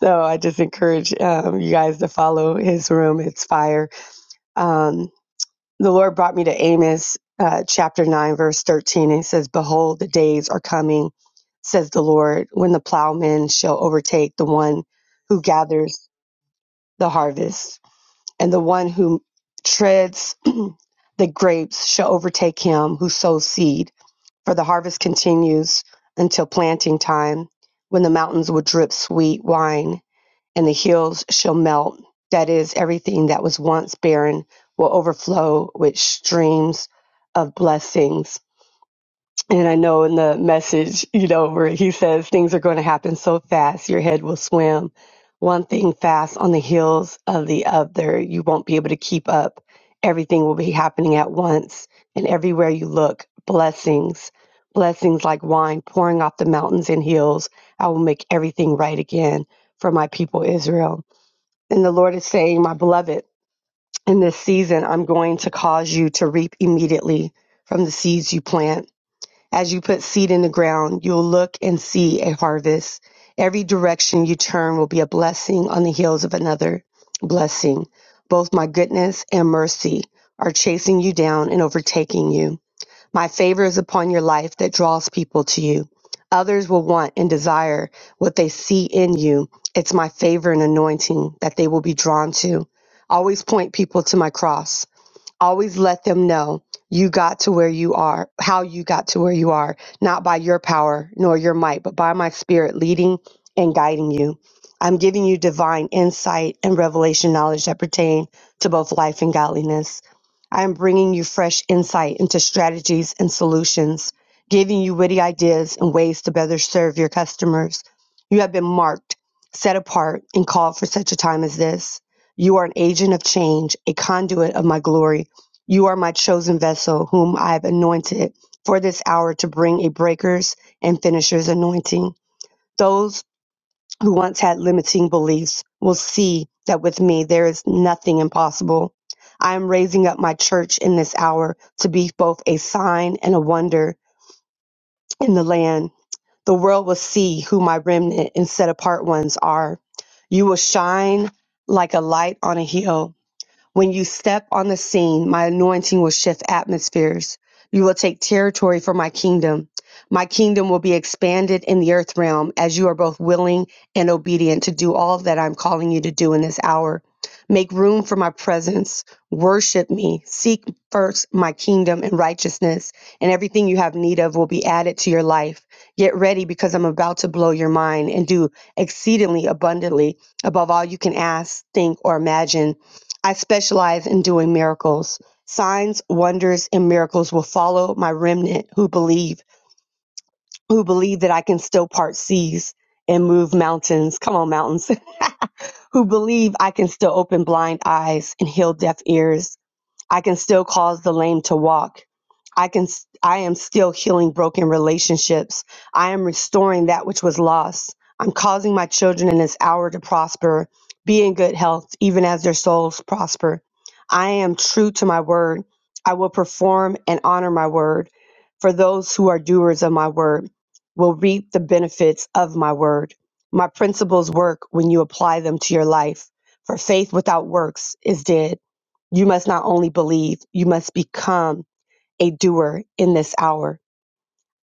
So I just encourage um, you guys to follow his room. It's fire. Um, the Lord brought me to Amos uh, chapter nine, verse thirteen. And it says, "Behold, the days are coming," says the Lord, "when the plowman shall overtake the one who gathers the harvest, and the one who treads [CLEARS THROAT] the grapes shall overtake him who sows seed." for the harvest continues until planting time, when the mountains will drip sweet wine and the hills shall melt. That is, everything that was once barren will overflow with streams of blessings. And I know in the message, you know, where he says things are going to happen so fast, your head will swim. One thing fast on the heels of the other. You won't be able to keep up. Everything will be happening at once. And everywhere you look, blessings, blessings like wine pouring off the mountains and hills. I will make everything right again for my people, Israel. And the Lord is saying, My beloved, in this season, I'm going to cause you to reap immediately from the seeds you plant. As you put seed in the ground, you'll look and see a harvest. Every direction you turn will be a blessing on the heels of another blessing. Both my goodness and mercy are chasing you down and overtaking you. My favor is upon your life that draws people to you. Others will want and desire what they see in you. It's my favor and anointing that they will be drawn to. Always point people to my cross always let them know you got to where you are, how you got to where you are, not by your power nor your might, but by my spirit leading and guiding you. I'm giving you divine insight and revelation knowledge that pertain to both life and godliness. I am bringing you fresh insight into strategies and solutions, giving you witty ideas and ways to better serve your customers. You have been marked, set apart, and called for such a time as this. You are an agent of change, a conduit of my glory you are my chosen vessel, whom I have anointed for this hour to bring a breaker's and finisher's anointing. Those who once had limiting beliefs will see that with me there is nothing impossible. I am raising up my church in this hour to be both a sign and a wonder in the land. The world will see who my remnant and set apart ones are. You will shine like a light on a hill when you step on the scene, my anointing will shift atmospheres. You will take territory for my kingdom. My kingdom will be expanded in the earth realm as you are both willing and obedient to do all that I'm calling you to do in this hour. Make room for my presence. Worship me. Seek first my kingdom and righteousness, and everything you have need of will be added to your life. Get ready because I'm about to blow your mind and do exceedingly abundantly above all you can ask, think, or imagine I specialize in doing miracles. Signs, wonders, and miracles will follow my remnant who believe, who believe that I can still part seas and move mountains. Come on, mountains. [LAUGHS] who believe I can still open blind eyes and heal deaf ears I can still cause the lame to walk. I can I am still healing broken relationships. I am restoring that which was lost. I'm causing my children in this hour to prosper, be in good health even as their souls prosper. I am true to my word. I will perform and honor my word. For those who are doers of my word will reap the benefits of my word. My principles work when you apply them to your life. For faith without works is dead. You must not only believe, you must become a doer in this hour.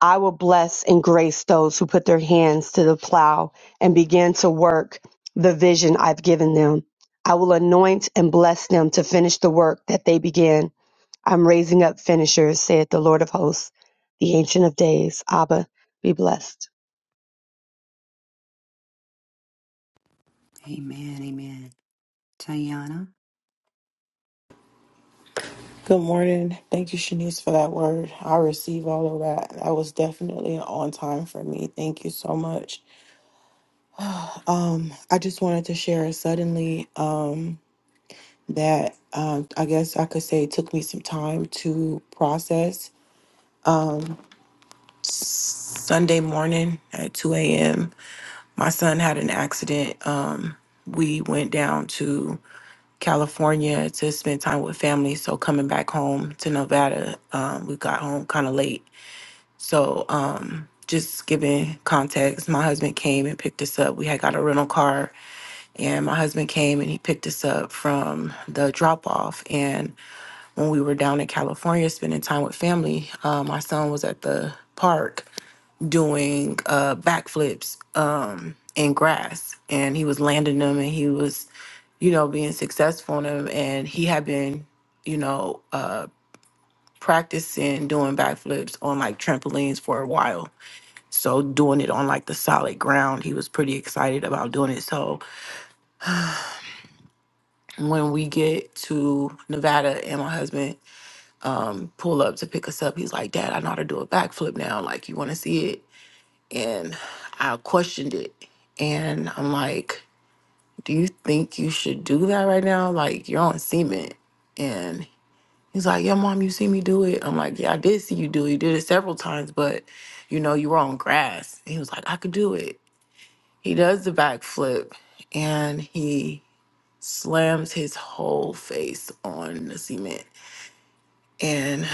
I will bless and grace those who put their hands to the plow and begin to work the vision I've given them. I will anoint and bless them to finish the work that they began. I'm raising up finishers, saith the Lord of hosts, the Ancient of Days. Abba, be blessed.
Amen. Amen. Tayana.
Good morning. Thank you, Shanice, for that word. I receive all of that. That was definitely on time for me. Thank you so much. I just wanted to share suddenly um, that um, I guess I could say it took me some time to process. Sunday morning at 2 a.m., my son had an accident. Um, we went down to California to spend time with family. So coming back home to Nevada, um, we got home kind of late So, um, just giving context, my husband came and picked us up. We had got a rental car, and my husband came and he picked us up from the drop off. And when we were down in California spending time with family, uh, my son was at the park doing uh, backflips um, in grass, and he was landing them, and he was, you know, being successful in them, and he had been, you know, uh, practicing doing backflips on like trampolines for a while so doing it on like the solid ground, he was pretty excited about doing it. So when we get to Nevada and my husband pull up to pick us up, he's like, Dad, I know how to do a backflip now. Like, you want to see it? And I questioned it. And I'm like, Do you think you should do that right now? Like, you're on cement. And he's like, Yeah, mom, you see me do it. I'm like, Yeah, I did see you do it. You did it several times, but you know, you were on grass. And he was like, I could do it. He does the backflip and he slams his whole face on the cement. And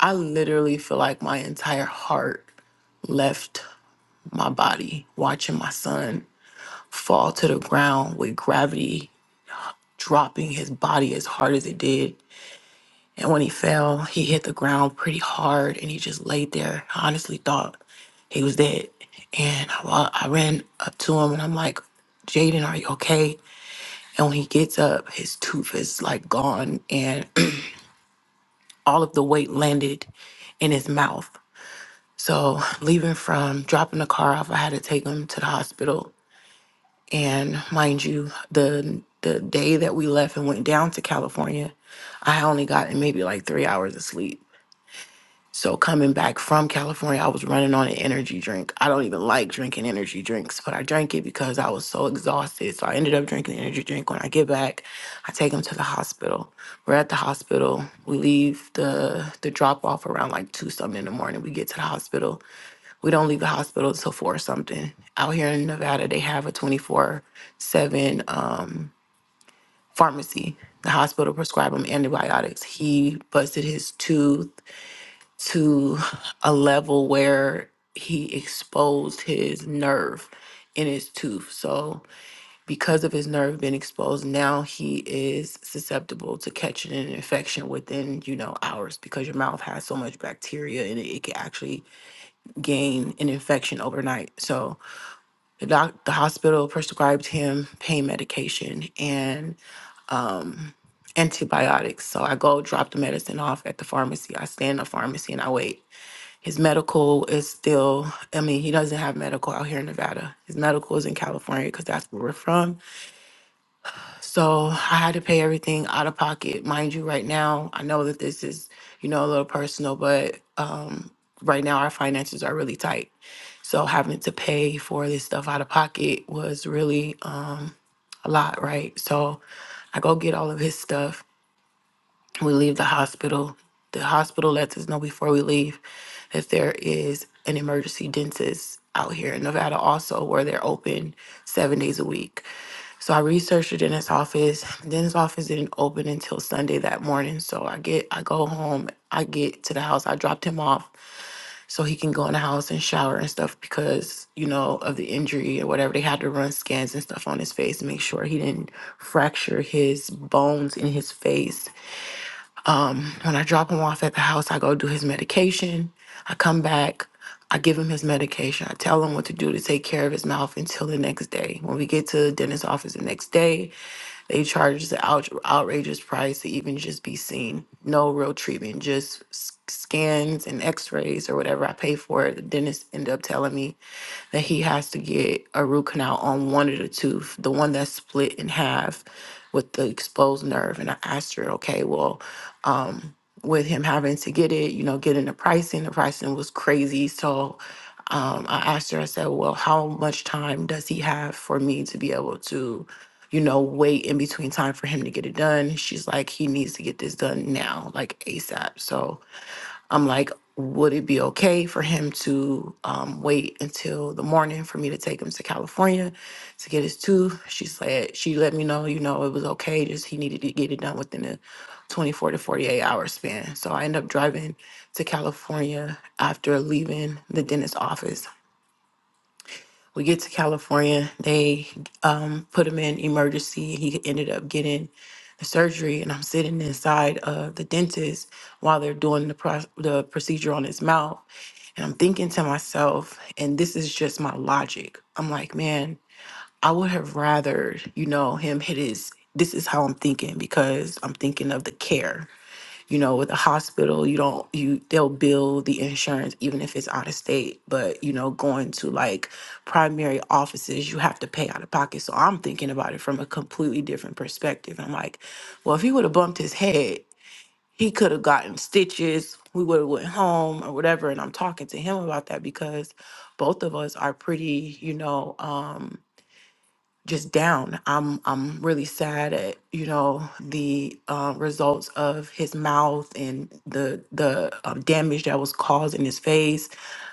I literally feel like my entire heart left my body watching my son fall to the ground with gravity dropping his body as hard as it did. And when he fell, he hit the ground pretty hard and he just laid there. I honestly thought he was dead. And I, wa- I ran up to him and I'm like, Jaden, are you okay? And when he gets up, his tooth is like gone and [CLEARS THROAT] all of the weight landed in his mouth. So, [SIGHS] leaving from dropping the car off, I had to take him to the hospital. And mind you, the the day that we left and went down to California, I had only got maybe like three hours of sleep. So coming back from California, I was running on an energy drink. I don't even like drinking energy drinks, but I drank it because I was so exhausted. So I ended up drinking the energy drink. When I get back, I take him to the hospital. We're at the hospital. We leave the the drop off around like two something in the morning. We get to the hospital. We don't leave the hospital till four something. Out here in Nevada, they have a twenty four seven um, pharmacy. The hospital prescribed him antibiotics. He busted his tooth to a level where he exposed his nerve in his tooth. So, because of his nerve being exposed, now he is susceptible to catching an infection within, you know, hours because your mouth has so much bacteria and it, it can actually gain an infection overnight. So, the doc, the hospital prescribed him pain medication and antibiotics. So, I go drop the medicine off at the pharmacy. I stay in the pharmacy and I wait His medical is still, I mean, he doesn't have medical out here in Nevada. His medical is in California because that's where we're from. So I had to pay everything out of pocket. Mind you, right now, I know that this is, you know, a little personal, but uh, right now our finances are really tight. So having to pay for this stuff out of pocket was really uh, a lot, right? So I go get all of his stuff we leave the hospital, the hospital lets us know before we leave that there is an emergency dentist out here in Nevada, also where they're open seven days a week. So I researched the dentist's office. The dentist's office didn't open until Sunday that morning. So I get, I go home, I get to the house. I dropped him off so he can go in the house and shower and stuff because you know of the injury or whatever. They had to run scans and stuff on his face to make sure he didn't fracture his bones in his face when I drop him off at the house, I go do his medication. I come back, I give him his medication. I tell him what to do to take care of his mouth until the next day. When we get to the dentist's office the next day, they charge the out- outrageous price to even just be seen. No real treatment, just s- scans and x rays or whatever I pay for. The dentist ended up telling me that he has to get a root canal on one of the tooth, the one that's split in half with the exposed nerve. And I asked her, okay, well, um, with him having to get it, you know, getting the pricing, the pricing was crazy. So um, I asked her, I said, well, how much time does he have for me to be able to, you know, wait in between time for him to get it done? She's like, he needs to get this done now, like ASAP. So, I'm like, would it be okay for him to um, wait until the morning for me to take him to California to get his tooth? She said she let me know, you know, it was okay. Just he needed to get it done within a 24 to 48 hour span. So I end up driving to California after leaving the dentist's office. We get to California. They um, put him in emergency. He ended up getting the surgery, and I'm sitting inside of the dentist while they're doing the pro- the procedure on his mouth and I'm thinking to myself, and this is just my logic. I'm like, man, I would have rather, you know, him hit his. This is how I'm thinking because I'm thinking of the care. You know, with a hospital, you don't you they'll bill the insurance even if it's out of state. But you know, going to like primary offices, you have to pay out of pocket. So I'm thinking about it from a completely different perspective. I'm like, well, if he would have bumped his head, he could have gotten stitches we would have went home or whatever and i'm talking to him about that because both of us are pretty you know um just down i'm i'm really sad at you know the uh, results of his mouth and the the um, damage that was caused in his face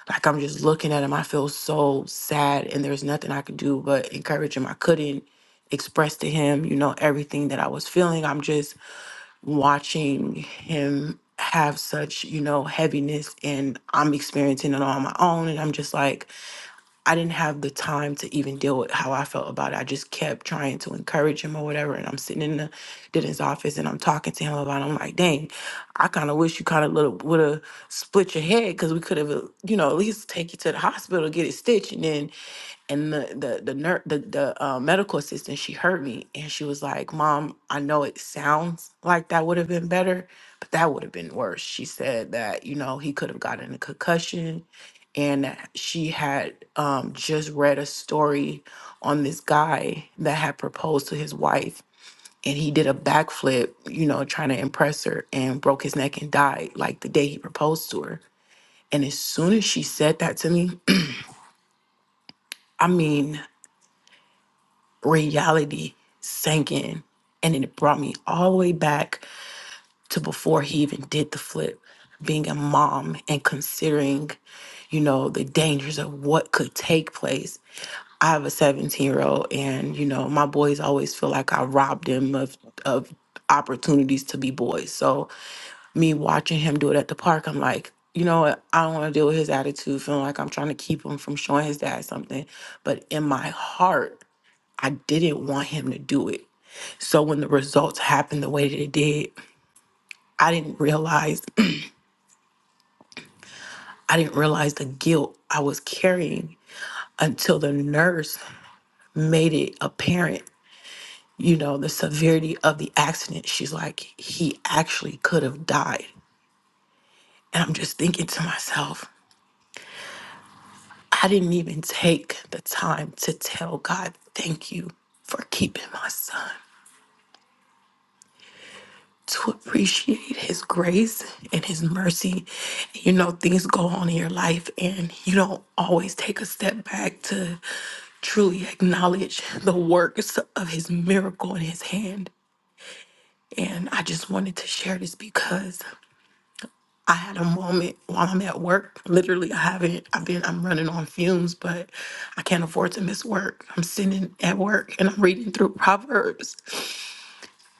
like i'm just looking at him i feel so sad and there's nothing i could do but encourage him i couldn't express to him you know everything that i was feeling i'm just watching him have such, you know, heaviness and I'm experiencing it on my own. And I'm just like, I didn't have the time to even deal with how I felt about it. I just kept trying to encourage him or whatever. And I'm sitting in the Dennis office and I'm talking to him about it. I'm like, dang, I kind of wish you kind of would have split your head because we could have, you know, at least take you to the hospital, get it stitched. and then and the the the ner- the, the uh, medical assistant she heard me and she was like mom i know it sounds like that would have been better but that would have been worse she said that you know he could have gotten a concussion and that she had um, just read a story on this guy that had proposed to his wife and he did a backflip you know trying to impress her and broke his neck and died like the day he proposed to her and as soon as she said that to me [CLEARS THROAT] i mean reality sank in and it brought me all the way back to before he even did the flip being a mom and considering you know the dangers of what could take place i have a 17 year old and you know my boys always feel like i robbed them of of opportunities to be boys so me watching him do it at the park i'm like you know what i don't want to deal with his attitude feeling like i'm trying to keep him from showing his dad something but in my heart i didn't want him to do it so when the results happened the way that it did, I didn't realize [CLEARS THROAT] I didn't realize the guilt I was carrying until the nurse made it apparent, you know, the severity of the accident. She's like, he actually could have died. And I'm just thinking to myself, I didn't even take the time to tell God, thank you for keeping my son. to appreciate his grace and his mercy. You know, things go on in your life, and you don't always take a step back to truly acknowledge the works of his miracle in his hand. And I just wanted to share this because I had a moment while I'm at work. Literally, I haven't, I've been, I'm running on fumes, but I can't afford to miss work. I'm sitting at work and I'm reading through [LAUGHS] Proverbs.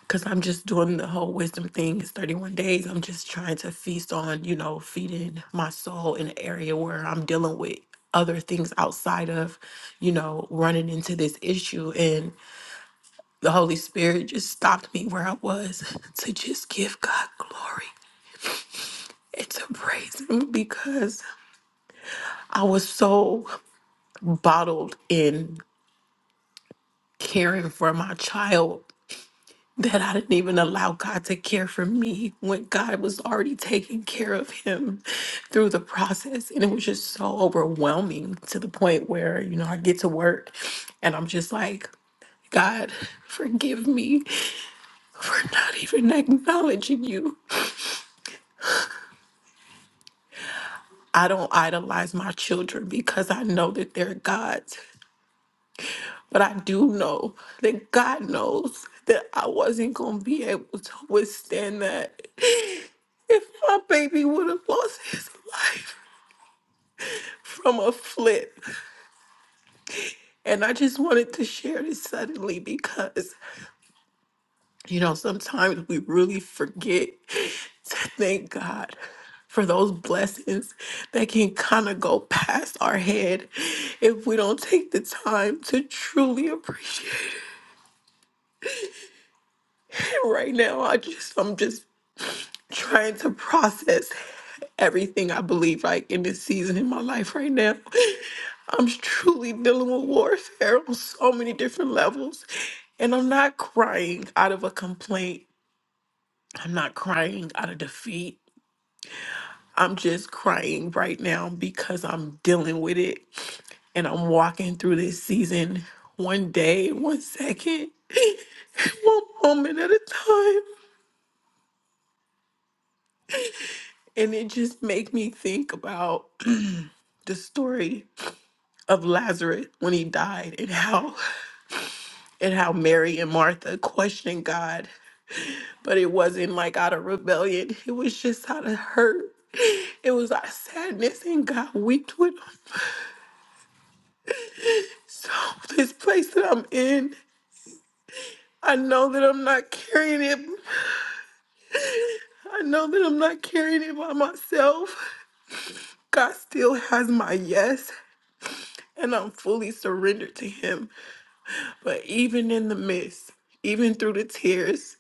because I'm just doing the whole wisdom thing. It's 31 days. I'm just trying to feast on, you know, feeding my soul in an area where I'm dealing with other things outside of, you know, running into this issue. And the Holy Spirit just stopped me where I was [LAUGHS] to just give God glory and to praise Him because I was so bottled in caring for my child that I didn't even allow God to care for me when God was already taking care of him through the process. And it was just so overwhelming to the point where, you know, I get to work and I'm just like, God, forgive me for not even acknowledging you. I don't idolize my children because I know that they're God's. But I do know that God knows that I wasn't going to be able to withstand that if my baby would have lost his life. from a flip. And I just wanted to share this suddenly because, you know, sometimes we really forget to thank God for those blessings that can kind of go past our head if we don't take the time to truly appreciate it right now. I just, I'm just trying to process everything I believe like in this season in my life right now. I'm truly dealing with warfare on so many different levels. And I'm not crying out of a complaint. I'm not crying out of defeat. I'm just crying right now because I'm dealing with it and I'm walking through this season one day, one second, [LAUGHS] one moment at a time. And it just make me think about the story of Lazarus when he died and how and how Mary and Martha questioned God. But it wasn't like out of rebellion. It was just out of hurt. It was our sadness and God wept with them. So this place that I'm in, I know that I'm not carrying it. I know that I'm not carrying it by myself. God still has my yes and I'm fully surrendered to him. But even in the midst, even through the tears,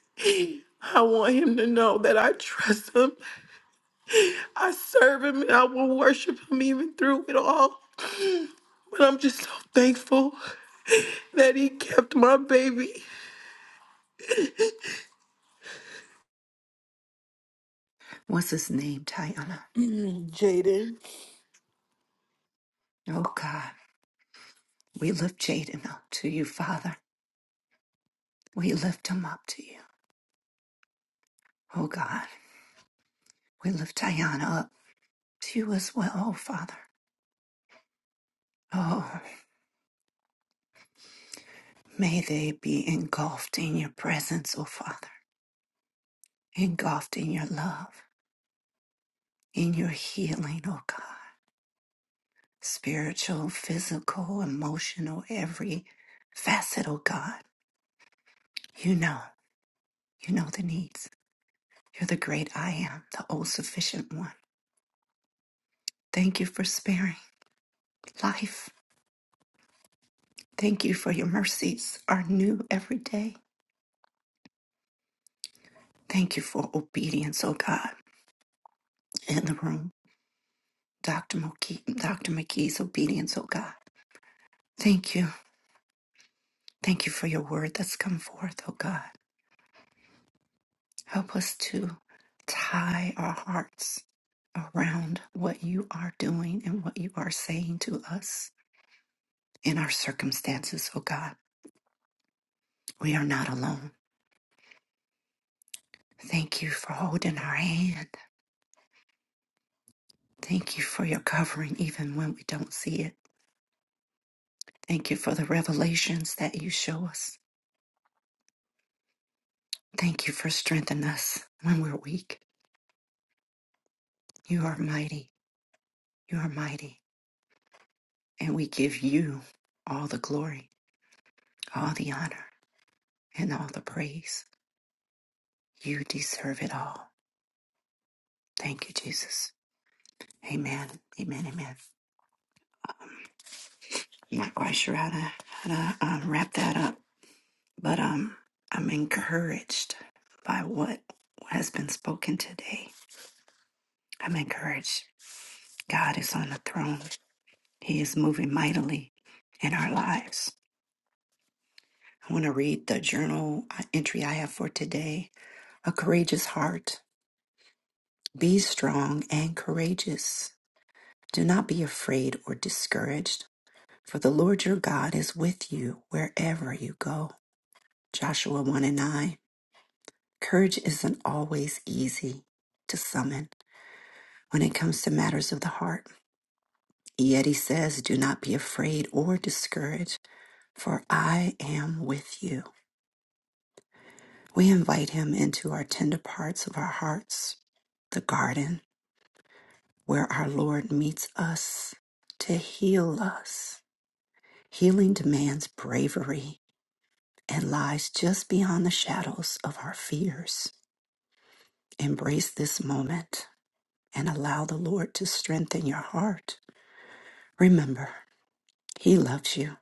I want him to know that I trust him I serve him and I will worship him even through it all. But I'm just so thankful that he kept my baby.
What's his name, Tayana?
[CLEARS THROAT] Jaden.
Oh, God. We lift Jaden up to you, Father. We lift him up to you. Oh, God. We lift Tayana up to you as well, oh, Father. Oh, may they be engulfed in your presence, oh, Father. engulfed in your love, in your healing, oh God. Spiritual, physical, emotional, every facet, oh God. You know, you know the needs. You're the great I am, the all sufficient one. Thank you for sparing life. Thank you for your mercies are new every day. Thank you for obedience, oh God, in the room. Dr. McKee, Dr. McKee's obedience, oh God. Thank you. Thank you for your word that's come forth, oh God. Help us to tie our hearts around what you are doing and what you are saying to us in our circumstances, oh God. We are not alone. Thank you for holding our hand. Thank you for your covering, even when we don't see it. Thank you for the revelations that you show us. Thank you for strengthening us when we're weak. You are mighty. You are mighty. And we give you all the glory, all the honor, and all the praise. You deserve it all. Thank you, Jesus. Amen. Amen. Amen. I'm not quite sure how to how to uh, wrap that up, but um, I'm encouraged by what has been spoken today. I'm encouraged. God is on the throne. He is moving mightily in our lives. I want to read the journal uh, entry I have for today. A courageous heart. Be strong and courageous. Do not be afraid or discouraged For the Lord your God is with you wherever you go. Joshua 1 and 9. Courage isn't always easy to summon when it comes to matters of the heart. Yet he says, Do not be afraid or discouraged, for I am with you. We invite him into our tender parts of our hearts, the garden where our Lord meets us to heal us. Healing demands bravery and lies just beyond the shadows of our fears. Embrace this moment and allow the Lord to strengthen your heart. Remember, He loves you.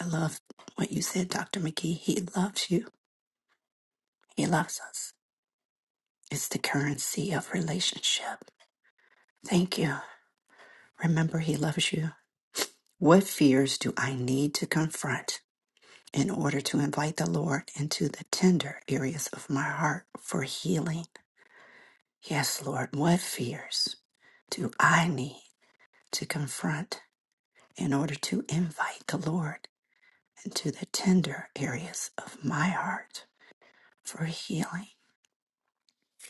I love what you said, Dr. McGee. He loves you. He loves us. It's the currency of relationship. Thank you. Remember, He loves you. What fears do I need to confront in order to invite the Lord into the tender areas of my heart for healing? Yes, Lord, what fears do I need to confront in order to invite the Lord into the tender areas of my heart for healing?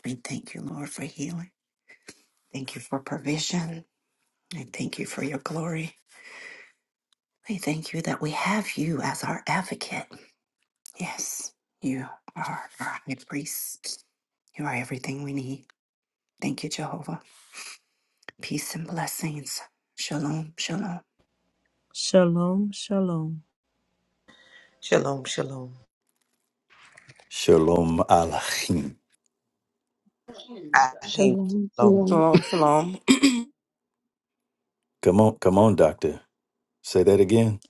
We thank you, Lord, for healing. Thank you for provision. I thank you for your glory. I thank you that we have you as our advocate. Yes, you are our high priest. You are everything we need. Thank you, Jehovah. Peace and blessings. Shalom, shalom.
Shalom, shalom.
Shalom, shalom.
Shalom Alachim.
Ahim
Shalom,
shalom.
shalom.
Shalom, shalom.
Come on, come on, doctor. Say that again.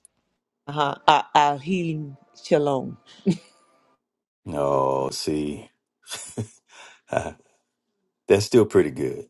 Uh-huh. Ah, Ahim, shalom.
Oh, see, [LAUGHS] that's still pretty good.